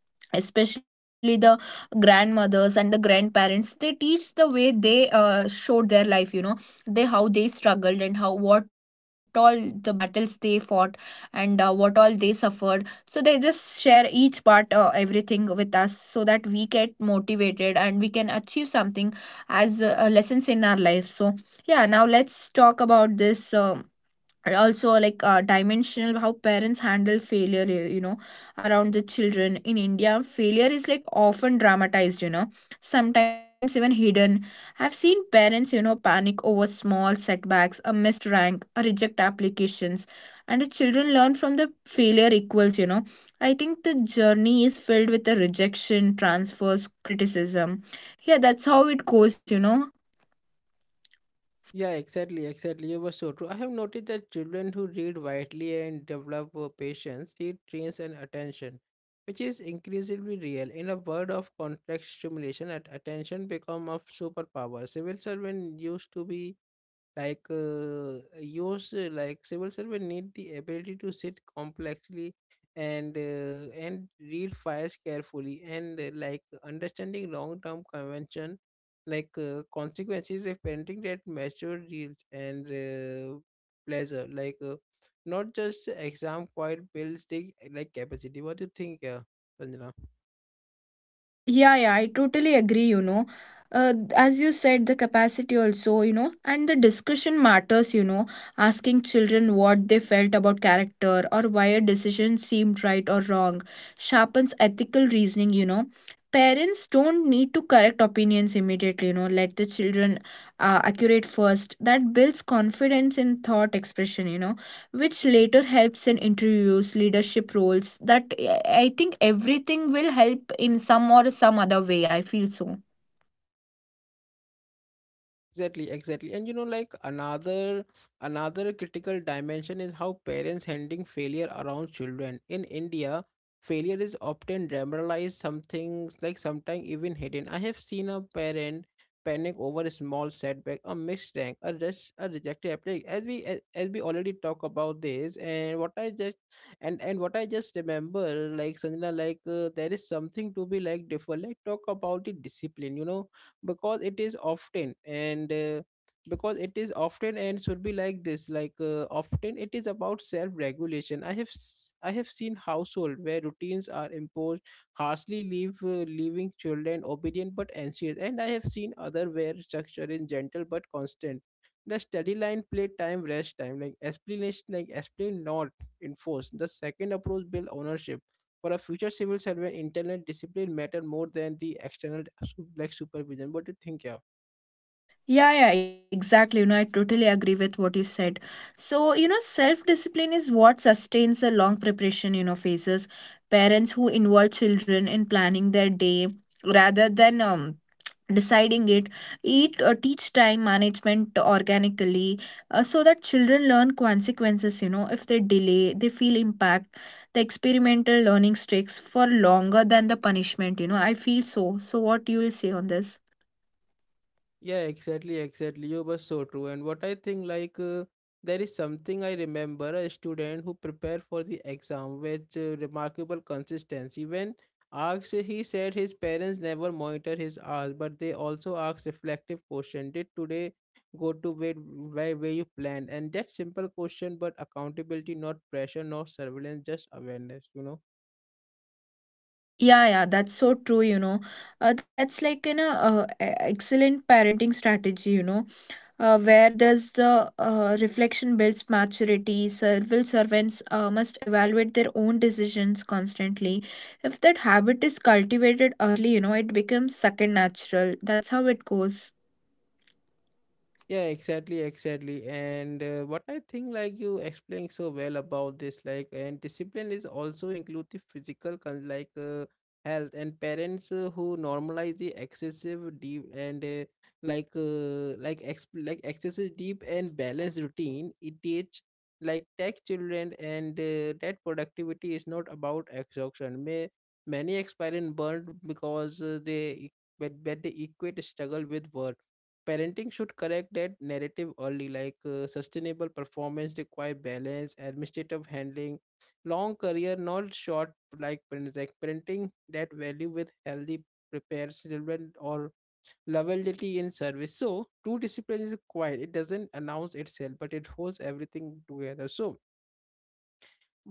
Speaker 2: especially the grandmothers and the grandparents. They teach the way they uh, showed their life, you know, they how they struggled and how what all the battles they fought, and uh, what all they suffered. So they just share each part, uh, everything with us, so that we get motivated and we can achieve something as uh, lessons in our life. So yeah, now let's talk about this uh, and also like uh, dimensional how parents handle failure, you you know, around the children. In India, failure is like often dramatized, you know, sometimes even hidden. I've seen parents, you know, panic over small setbacks, a missed rank, a reject applications, and the children learn from the failure equals, you know. I think the journey is filled with the rejection transfers, criticism. Yeah, that's how it goes, you know.
Speaker 1: Yeah, exactly, exactly. You were so true. I have noticed that children who read widely and develop uh, patience, it trains and attention, which is increasingly real. In a world of complex stimulation, at attention become a superpower. Civil servant used to be like uh, yours, uh, like civil servant need the ability to sit complexly and uh, and read files carefully, and uh, like understanding long-term convention, like uh, consequences of parenting that mature deals, and uh, pleasure, like uh, not just exam, quite builds the like capacity. What do you think, yeah, Sanjana?
Speaker 2: Yeah, yeah, I totally agree, you know. Uh, as you said, the capacity also, you know, and the discussion matters, you know, asking children what they felt about character, or why a decision seemed right or wrong, sharpens ethical reasoning, you know. Parents don't need to correct opinions immediately, you know. Let the children uh, accurate first. That builds confidence in thought expression, you know, which later helps in interviews, leadership roles. That i I think everything will help in some or some other way, I feel so.
Speaker 1: Exactly, exactly. And you know, like another another critical dimension is how parents handling failure around children in India. Failure is often dramatized, some things like sometimes even hidden. I have seen a parent panic over a small setback, a missed rank, a, res- a rejected application, as we as, as we already talk about this. And what I just, and and what I just remember, like Sanjana, like, uh, there is something to be like different, like talk about the discipline, you know, because it is often and uh, because it is often and should be like this. Like, uh, often it is about self regulation. i have s- I have seen household where routines are imposed harshly, leave uh, leaving children obedient but anxious, and I have seen other where structure is gentle but constant. The study line, play time, rest time, like explanation like explain not enforce. The second approach build ownership. For a future civil servant, internal discipline matter more than the external su- like supervision. What do you think, yeah?
Speaker 2: Yeah yeah exactly, you know, I totally agree with what you said. So you know, self discipline is what sustains a long preparation, you know, phases. Parents who involve children in planning their day rather than um, deciding it, eat uh, teach time management organically, uh, so that children learn consequences. You know, if they delay, they feel impact. The experimental learning sticks for longer than the punishment, you know, I feel so. So what you will say on this?
Speaker 1: Yeah, exactly, exactly. You were so true. And what I think, like, uh, there is something I remember a student who prepared for the exam with uh, remarkable consistency. When asked, he said his parents never monitored his hours, but they also asked reflective question. Did today go to where, where, where you planned? And that simple question, but accountability, not pressure, not surveillance, just awareness, you know.
Speaker 2: Yeah yeah that's so true, you know. Uh, that's like an uh, uh, e- excellent parenting strategy, you know, uh, where there's the uh, reflection builds maturity. Civil servants uh, must evaluate their own decisions constantly. If that habit is cultivated early, you know, it becomes second natural. That's how it goes.
Speaker 1: Yeah, exactly, exactly. And uh, what I think, like you explained so well about this, like, and discipline is also include the physical, con- like, uh, health, and parents uh, who normalize the excessive deep and uh, like, uh, like, ex- like excessive deep and balanced routine. It teach like tech children, and uh, that productivity is not about exhaustion. May many experience burned because uh, they. E- But, but they equate struggle with work. Parenting should correct that narrative early, like uh, sustainable performance require balance administrative handling, long career not short, like parents like parenting that value with healthy prepares children or loyalty in service. So true discipline is quiet, it doesn't announce itself but it holds everything together. So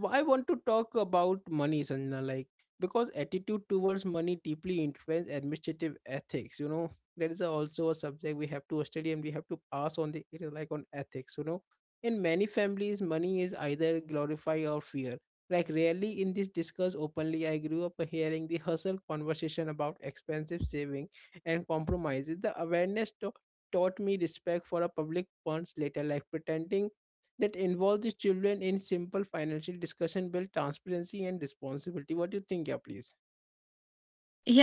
Speaker 1: I want to talk about money, Sanjana, like because attitude towards money deeply influence administrative ethics. You know, that is also a subject we have to study and we have to pass on the it is like on ethics. You know, in many families, money is either glorified or fear. Like rarely in this discussed openly. I grew up hearing the hustle conversation about expensive saving and compromises. The awareness to- taught me respect for a public funds later, like pretending that involves the children in simple financial discussion, build transparency and responsibility. What do you think, yeah, please?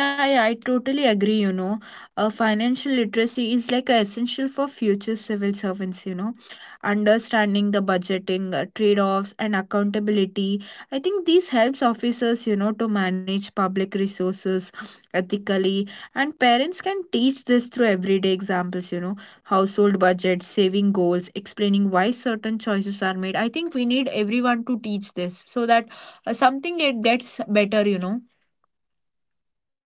Speaker 2: Yeah, yeah, I totally agree, you know. Uh, financial literacy is like a essential for future civil servants, you know. Understanding the budgeting, uh, trade-offs and accountability. I think this helps officers, you know, to manage public resources ethically, and parents can teach this through everyday examples, you know, household budgets, saving goals, explaining why certain choices are made. I think we need everyone to teach this so that uh, something it gets better, you know.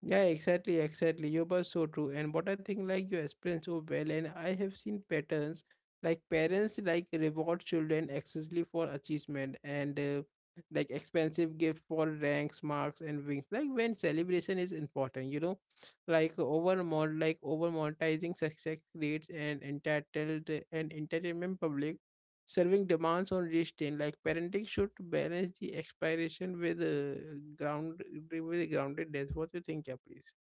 Speaker 1: Yeah, exactly, exactly. You were so true. And what I think, like you explained so well, and I have seen patterns like parents like reward children excessively for achievement, and uh, like expensive gift for ranks, marks, and wings. Like when celebration is important, you know, like over mon- like over monetizing success creates an entitled and entertainment public serving demands on restraint. Like parenting should balance the expiration with uh, ground with groundedness. What do you think, yeah, please?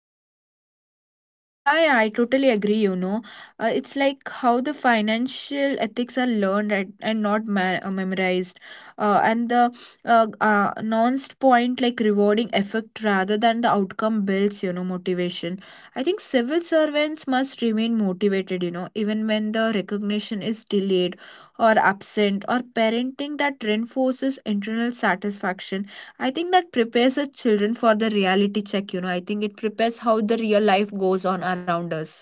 Speaker 2: Yeah, yeah, I totally agree, you know. Uh, it's like how the financial ethics are learned at, and not ma- uh, memorized. Uh, and the uh, uh, announced point, like rewarding effect rather than the outcome builds, you know, motivation. I think civil servants must remain motivated, you know, even when the recognition is delayed or absent, or parenting that reinforces internal satisfaction. I think that prepares the children for the reality check, you know. I think it prepares how the real life goes on around us.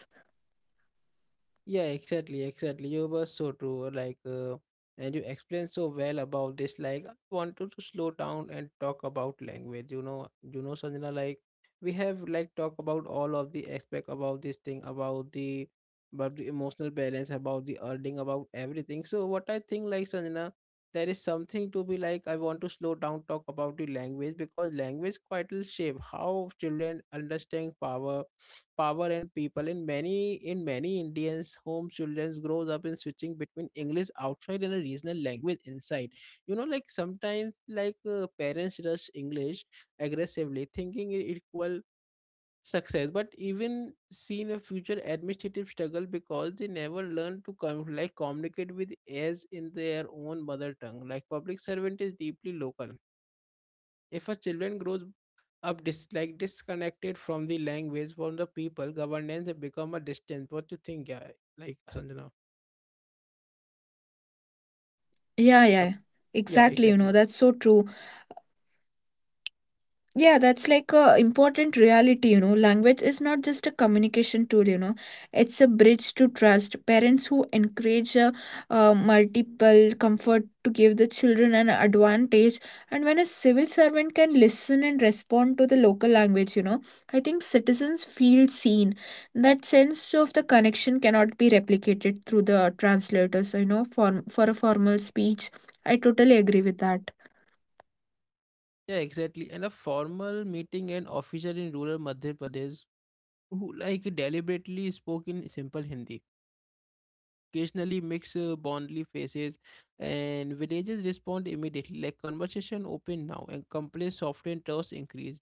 Speaker 1: Yeah, exactly, exactly. You were so true. Like, uh, and you explained so well about this. Like, I wanted to slow down and talk about language. You know, you know, Sanjana. Like, we have like talked about all of the aspect about this thing, about the, about the emotional balance, about the earning, about everything. So, what I think, like Sanjana, there is something to be like. I want to slow down, talk about the language because language quite will shape how children understand power power and people in many in many Indians home. Children grows up in switching between English outside and a regional language inside, you know. Like sometimes, like uh, parents rush English aggressively thinking it equal success, but even seen a future administrative struggle because they never learn to com- like communicate with as in their own mother tongue. Like public servant is deeply local. If a children grows up dis- like disconnected from the language, from the people, governance have become a distance. What you think, yeah? Like Sanjana.
Speaker 2: Yeah, yeah. Exactly, you
Speaker 1: Yep.
Speaker 2: know, that's so
Speaker 1: Yeah,
Speaker 2: true.
Speaker 1: exactly. Yeah.
Speaker 2: Yeah, that's like a important reality, you know. Language is not just a communication tool, you know. It's a bridge to trust. Parents who encourage uh, uh, multiple comfort to give the children an advantage, and when a civil servant can listen and respond to the local language, you know, I think citizens feel seen. That sense of the connection cannot be replicated through the translators, you know, for for a formal speech. I totally agree with that.
Speaker 1: Yeah, exactly. And a formal meeting an officer in rural Madhya Pradesh who like deliberately spoke in simple Hindi. Occasionally mix uh, bondly faces and villages respond immediately. Like conversation open now and complaint soften trust increase.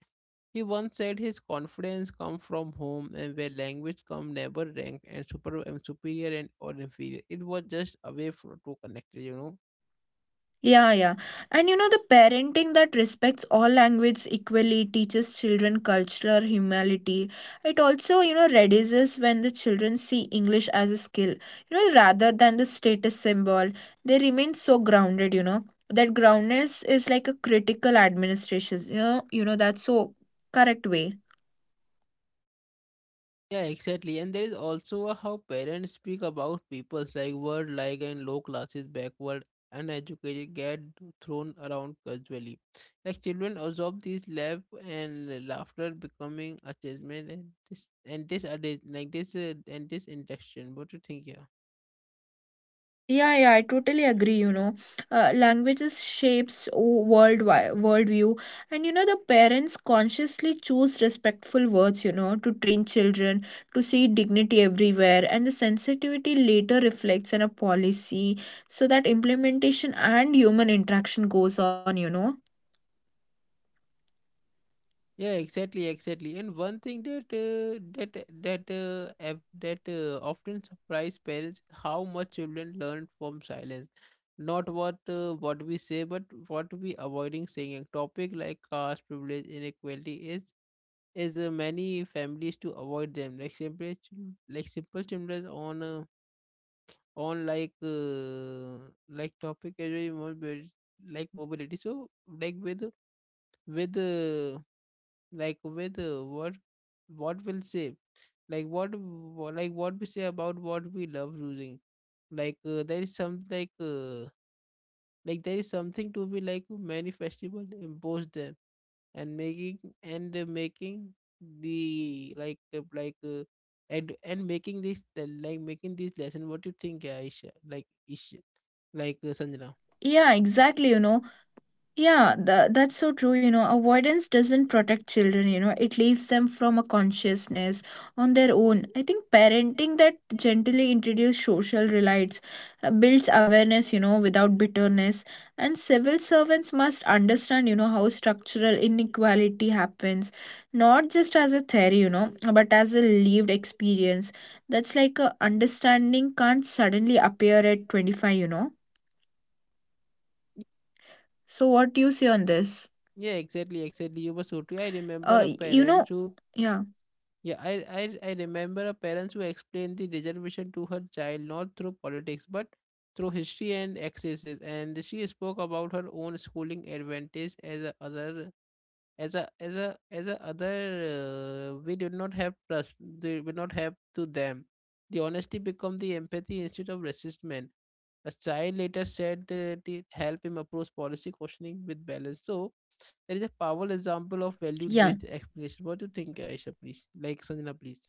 Speaker 1: He once said his confidence come from home and where language come never ranked and super and superior and or inferior. It was just a way for to connect, you know.
Speaker 2: Yeah, yeah. And you know, the parenting that respects all language equally teaches children cultural humility. It also, you know, reduces when the children see English as a skill, you know, rather than the status symbol. They remain so grounded, you know. That groundedness is like a critical administration, you know, you know, that's so correct way.
Speaker 1: Yeah, exactly. And there is also a how parents speak about peoples like word like and low classes, backward, uneducated get thrown around casually. Like children absorb these laugh and laughter becoming a judgment, and this and this are like this, uh, and this interaction. What do you think? Yeah.
Speaker 2: Yeah, yeah, I totally agree, you know. Uh, languages shapes o- world wi- worldview, and you know, the parents consciously choose respectful words, you know, to train children to see dignity everywhere, and the sensitivity later reflects in a policy, so that implementation and human interaction goes on, you know.
Speaker 1: Yeah, exactly, exactly. And one thing that uh, that that uh, ev- that uh, often surprise parents is how much children learn from silence. Not what uh, what we say, but what we avoiding saying. A topic like caste, privilege, inequality is is uh, many families to avoid them. Like simple chil- like simple children on uh, on like uh, like topic as well, more bit- like mobility. So like with with. Uh, like with uh, what what will say like what wha- like what we say about what we love losing, like uh, there is some like uh, like there is something to be like many festival impose them, and making and uh, making the, like uh, like uh, and and making this the- like making this lesson. What do you think, Aisha? Like Isha like uh, Sanjana.
Speaker 2: Yeah, exactly, you know. Yeah, tha that's so true. You know, avoidance doesn't protect children, you know, it leaves them from a consciousness on their own. I think parenting that gently introduces social relates, uh, builds awareness, you know, without bitterness. And civil servants must understand, you know, how structural inequality happens, not just as a theory, you know, but as a lived experience. That's like a understanding can't suddenly appear at twenty-five, you know. So, what do you say on this?
Speaker 1: Yeah, exactly, exactly. You were so true. I remember
Speaker 2: Uh,
Speaker 1: a
Speaker 2: y- you
Speaker 1: parent
Speaker 2: know,
Speaker 1: who,
Speaker 2: yeah,
Speaker 1: yeah, I, I I remember a parents who explained the reservation to her child not through politics but through history and excesses, and she spoke about her own schooling advantage as a other, as a as a as a other, uh, we did not have trust, they did not have to them. The honesty become the empathy instead of resistment. A child later said uh, it helped him approach policy questioning with balance. So that is a powerful example of
Speaker 2: yeah,
Speaker 1: value-based explanation. What do you think, uh, Aisha, please? Like Sanjana, please.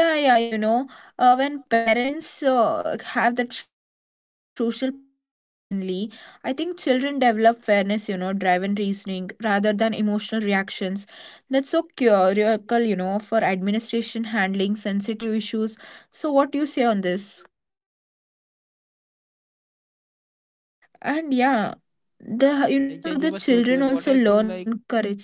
Speaker 2: yeah, yeah, you know, uh, when parents uh, have that social policies humanly, I think children develop fairness, you know, driven reasoning rather than emotional reactions. That's so curical, you know, for administration handling sensitive issues. So what do you say on this? And yeah, the you
Speaker 1: Uh,
Speaker 2: know,
Speaker 1: Yeah,
Speaker 2: how
Speaker 1: you were
Speaker 2: the
Speaker 1: so to it.
Speaker 2: children
Speaker 1: What I
Speaker 2: also
Speaker 1: think,
Speaker 2: learn
Speaker 1: like,
Speaker 2: courage.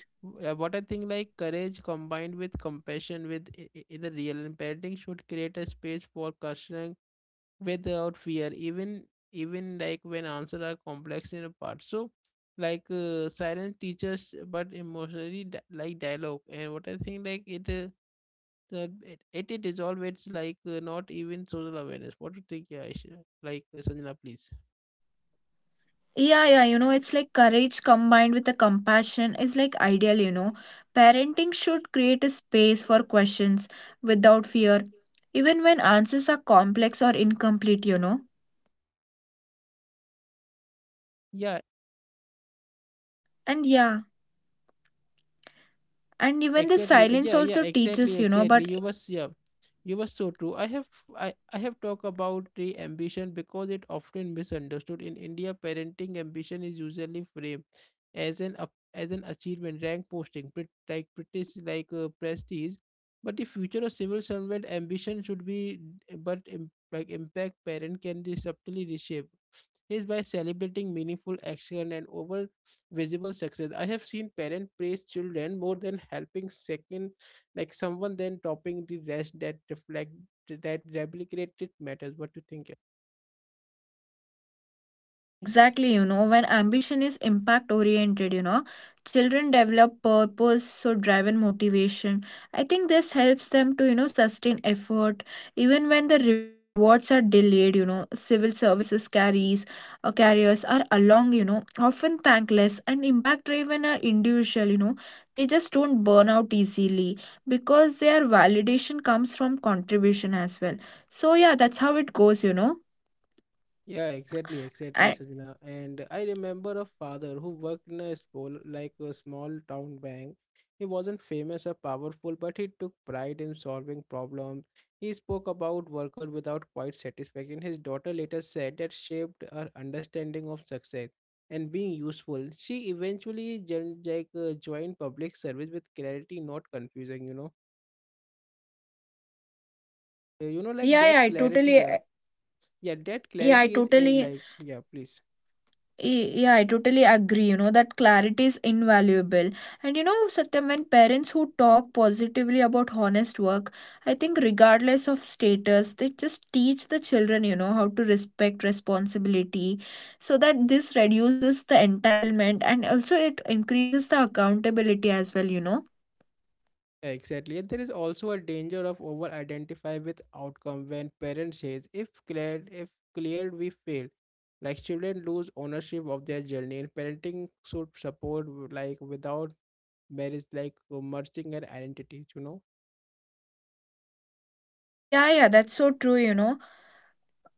Speaker 1: uh, what I think, like, courage combined with compassion, with i- i- in the real, and parenting should create a space for questioning without fear, even even like when answers are complex in a part. So, like, uh, silence teaches, but emotionally, di- like dialogue. And what I think, like, it. Uh, The, it, it, it is always like uh, not even social awareness. What do you think, Aisha? Like, uh, Sanjana, please.
Speaker 2: Yeah, yeah, you know, it's like courage combined with the compassion is like ideal, you know. Parenting should create a space for questions without fear, even when answers are complex or incomplete, you know.
Speaker 1: Yeah,
Speaker 2: And yeah, and even the
Speaker 1: exactly. uh,
Speaker 2: silence
Speaker 1: Yeah, yeah,
Speaker 2: also
Speaker 1: exactly,
Speaker 2: teaches, you know,
Speaker 1: exactly.
Speaker 2: but
Speaker 1: You was, yeah. You were so true. I have I, I have talked about the ambition because it often misunderstood. In India, parenting ambition is usually framed as an up as an achievement, rank posting, pre- like British like uh, prestige. But the future of civil servant ambition should be eh, but im- like impact. Parent can be subtly reshape is by celebrating meaningful action and over visible success. I have seen parents praise children more than helping second, like someone then topping the rest that reflect that replicated matters. What do you think?
Speaker 2: yeah, exactly. You know, when ambition is impact oriented, you know, children develop purpose, so driven motivation. I think this helps them to, you know, sustain effort even when the rewards are delayed, you know, Civil services carries or carriers are along, you know, often thankless and impact driven are individual, you know, They just don't burn out easily because their validation comes from contribution as well. So yeah, that's how it goes, you know.
Speaker 1: Yeah, exactly, exactly,
Speaker 2: And
Speaker 1: Sajna. And I remember a father who worked in a small, like a small town bank. He wasn't famous or powerful, but he took pride in solving problems. He spoke about worker without quite satisfaction. His daughter later said that shaped her understanding of success and being useful. She eventually joined, like uh, joined public service with clarity, not confusing. You know, Uh, you know, like
Speaker 2: yeah, yeah,
Speaker 1: that
Speaker 2: I
Speaker 1: clarity.
Speaker 2: totally
Speaker 1: Yeah, yeah, that
Speaker 2: Yeah, I
Speaker 1: clarity is in
Speaker 2: totally,
Speaker 1: like, yeah, please.
Speaker 2: y- yeah, I totally agree. You know, that clarity is invaluable. And you know, Satyam, when parents who talk positively about honest work, I think regardless of status, they just teach the children, you know, how to respect responsibility so that this reduces the entitlement and also it increases the accountability as well, you know.
Speaker 1: Exactly. And there is also a danger of over identify with outcome when parents says if cleared if cleared we fail. Like children lose ownership of their journey and parenting should support w- like without marriage like uh, merging an identity, you know.
Speaker 2: Yeah, yeah, that's so true, you know.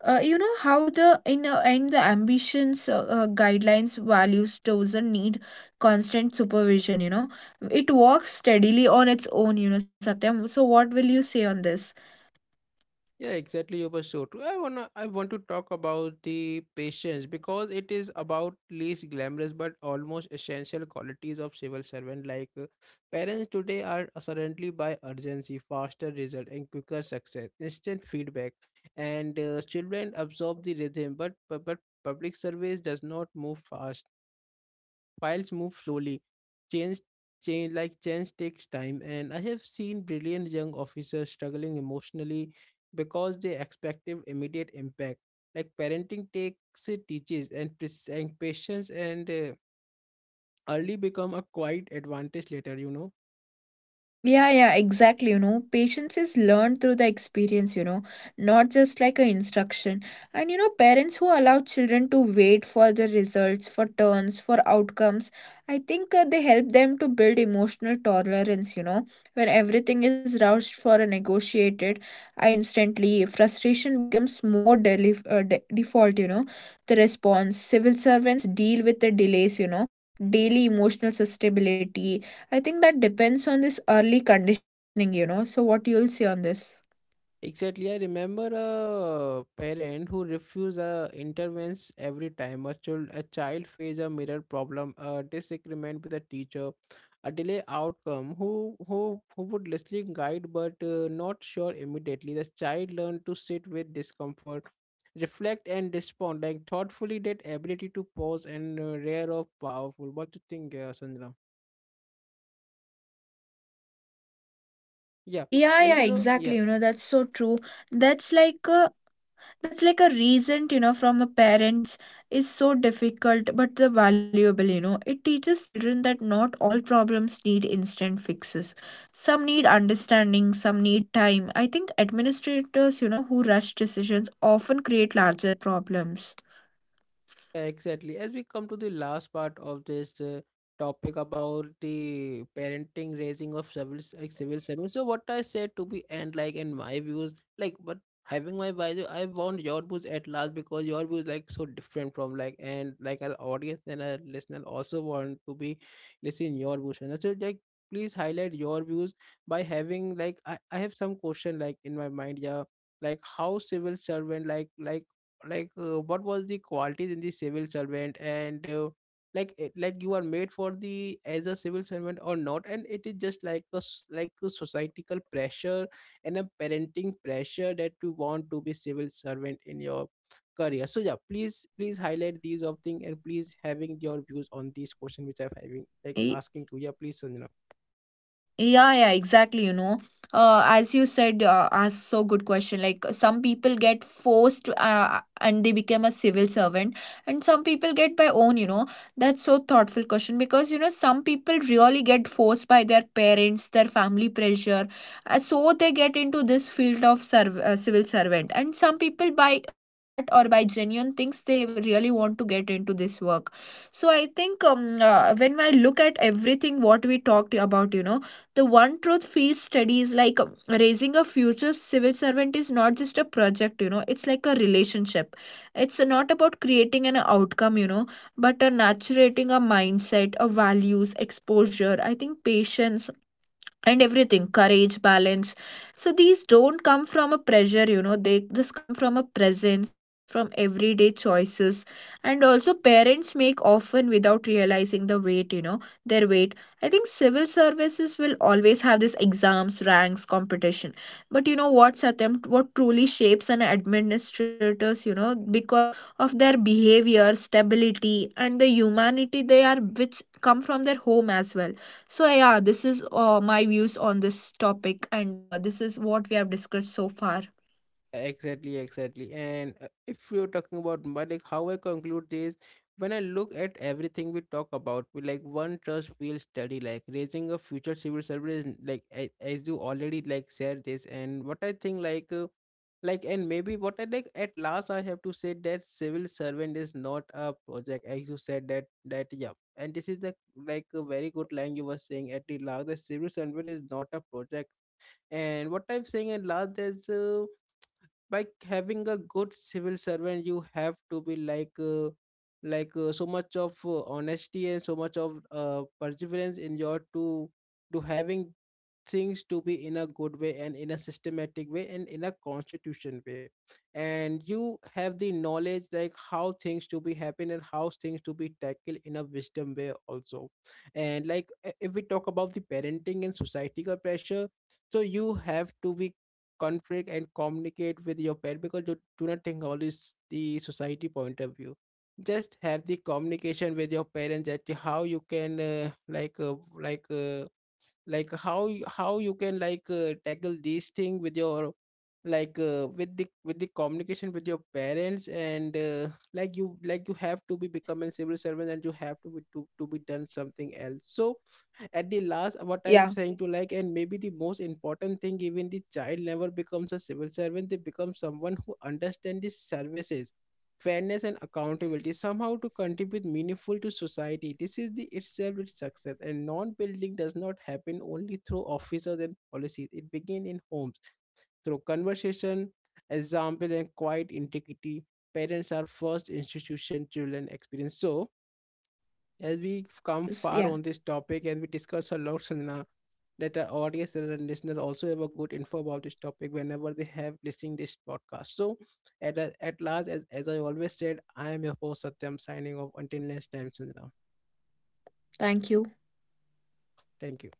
Speaker 2: uh, You know how the in uh, end the ambitions uh, uh, guidelines values doesn't need constant supervision. You know it walks steadily on its own. You know satyam, so what will you say on this?
Speaker 1: Yeah, exactly. You were so true. I wanna, I want to talk about the patience because it is about least glamorous but almost essential qualities of civil servant. Like uh, parents today are surrounded by urgency, faster result, and quicker success, instant feedback, and uh, children absorb the rhythm. But but, but public service does not move fast. Files move slowly. Change change like change takes time, and I have seen brilliant young officers struggling emotionally because they expected immediate impact. Like parenting takes it teaches and, pres- and patience, and uh, early become a quiet advantage later, you know.
Speaker 2: Yeah, yeah, exactly. You know, patience is learned through the experience, you know, not just like a instruction. And you know, parents who allow children to wait for the results, for turns, for outcomes, I think uh, they help them to build emotional tolerance, you know, when everything is rushed for a negotiated, I instantly frustration becomes more deli- uh, de- default, you know, the response. Civil servants deal with the delays, you know, daily emotional sustainability I think that depends on this early conditioning, you know. So, what you'll see on this?
Speaker 1: Exactly. I remember a parent who refused a intervention every time a child a child faced a mirror problem, a disagreement with a teacher, a delay outcome. Who who who would listen, guide, but uh, not sure immediately. The child learned to sit with discomfort, reflect, and respond like thoughtfully. That ability to pause and uh, rare of powerful. What do you think, uh, Sandra? Yeah,
Speaker 2: Yeah,
Speaker 1: and
Speaker 2: yeah,
Speaker 1: you know,
Speaker 2: exactly.
Speaker 1: yeah.
Speaker 2: You know, that's so true. That's like a that's like a reason, you know, from a parents is so difficult but the valuable, you know. It teaches children that not all problems need instant fixes. Some need understanding, some need time. I think administrators, you know, who rush decisions often create larger problems.
Speaker 1: Yeah, exactly. As we come to the last part of this uh, topic about the parenting raising of civil s- like civil servants, so what I said to be end like in my views, like but having my views, I want your views at last because your views like so different from like and like our audience and our listener also want to be listening your views. And so like please highlight your views by having like I, I have some question like in my mind, yeah, like how civil servant like like like uh, what was the qualities in the civil servant and uh, like it- like you are made for the as a civil servant or not, and it is just like a s- like a societal pressure and a parenting pressure that you want to be civil servant in your career, so yeah please please highlight these of thing and please having your views on these question which I'm having like asking to, yeah please Sanjana.
Speaker 2: Yeah, yeah, exactly. You know, uh, as you said, uh, asked so good question. Like some people get forced, uh, and they become a civil servant, and some people get by own. You know, that's so thoughtful question because you know some people really get forced by their parents, their family pressure, uh, so they get into this field of serv- uh, civil servant, and some people by uh, heart or by genuine things they really want to get into this work. So I think um, uh, when I look at everything what we talked about, you know The one truth field study is like um, raising a future civil servant is not just a project, you know, it's like a relationship. It's not about creating an outcome, you know, but uh, nurturing a mindset, a values, exposure, I think patience, and everything courage balance. So these don't come from a pressure you know they just come from a presence from everyday choices, and also parents make often without realizing the weight you know their weight. I think civil services will always have this exams ranks competition. But you know what, Satyam, what truly shapes an administrators you know because of their behavior stability and the humanity they are which come from their home as well. So yeah, this is uh, my views on this topic, and uh, this is what we have discussed so far.
Speaker 1: Exactly, exactly. And uh, if you're talking about my like how I conclude this, when I look at everything we talk about, we like one trust feels steady, like raising a future civil service, like a- as you already like said this, and what I think like. Uh, like and maybe what I like at last I have to say that civil servant is not a project, as you said that, that yeah, and this is the like a very good line you were saying at the last, the civil servant is not a project. And what I'm saying at last is. Uh, by having a good civil servant you have to be like uh, like uh, so much of uh, honesty and so much of uh, perseverance in your to to having things to be in a good way and in a systematic way and in a constitution way, and you have the knowledge like how things to be happen and how things to be tackled in a wisdom way also. And like i- if we talk about the parenting and societal pressure, so you have to be conflict and communicate with your parent, because you do not think all this the society point of view. Just have the communication with your parents that how you can uh, like uh, like uh, like how you- how you can like uh, tackle these thing with your like uh, with the with the communication with your parents, and uh, like you like you have to be
Speaker 2: Mhm.
Speaker 1: become a civil servant and you have to be to, to be done something else. So at the last what
Speaker 2: Yeah,
Speaker 1: I'm saying to like, and maybe the most important thing, even the child never becomes a civil servant, they become someone who understands the services, fairness, and accountability, somehow to contribute meaningful to society. This is the itself its success, and non-building does not happen only through officers and policies. It begins in homes, through conversation, example, and quiet integrity. Parents are first institution children experience. So as we come
Speaker 2: s-
Speaker 1: far
Speaker 2: yeah.
Speaker 1: on this topic, and we discuss a lot, Sanjana, that our audience and our listener also have a good info about this topic whenever they have listening this podcast. So, at a- at last, as, as I always said, I am your host Satyam signing off. Until next time, Sanjana.
Speaker 2: Thank you.
Speaker 1: Thank you.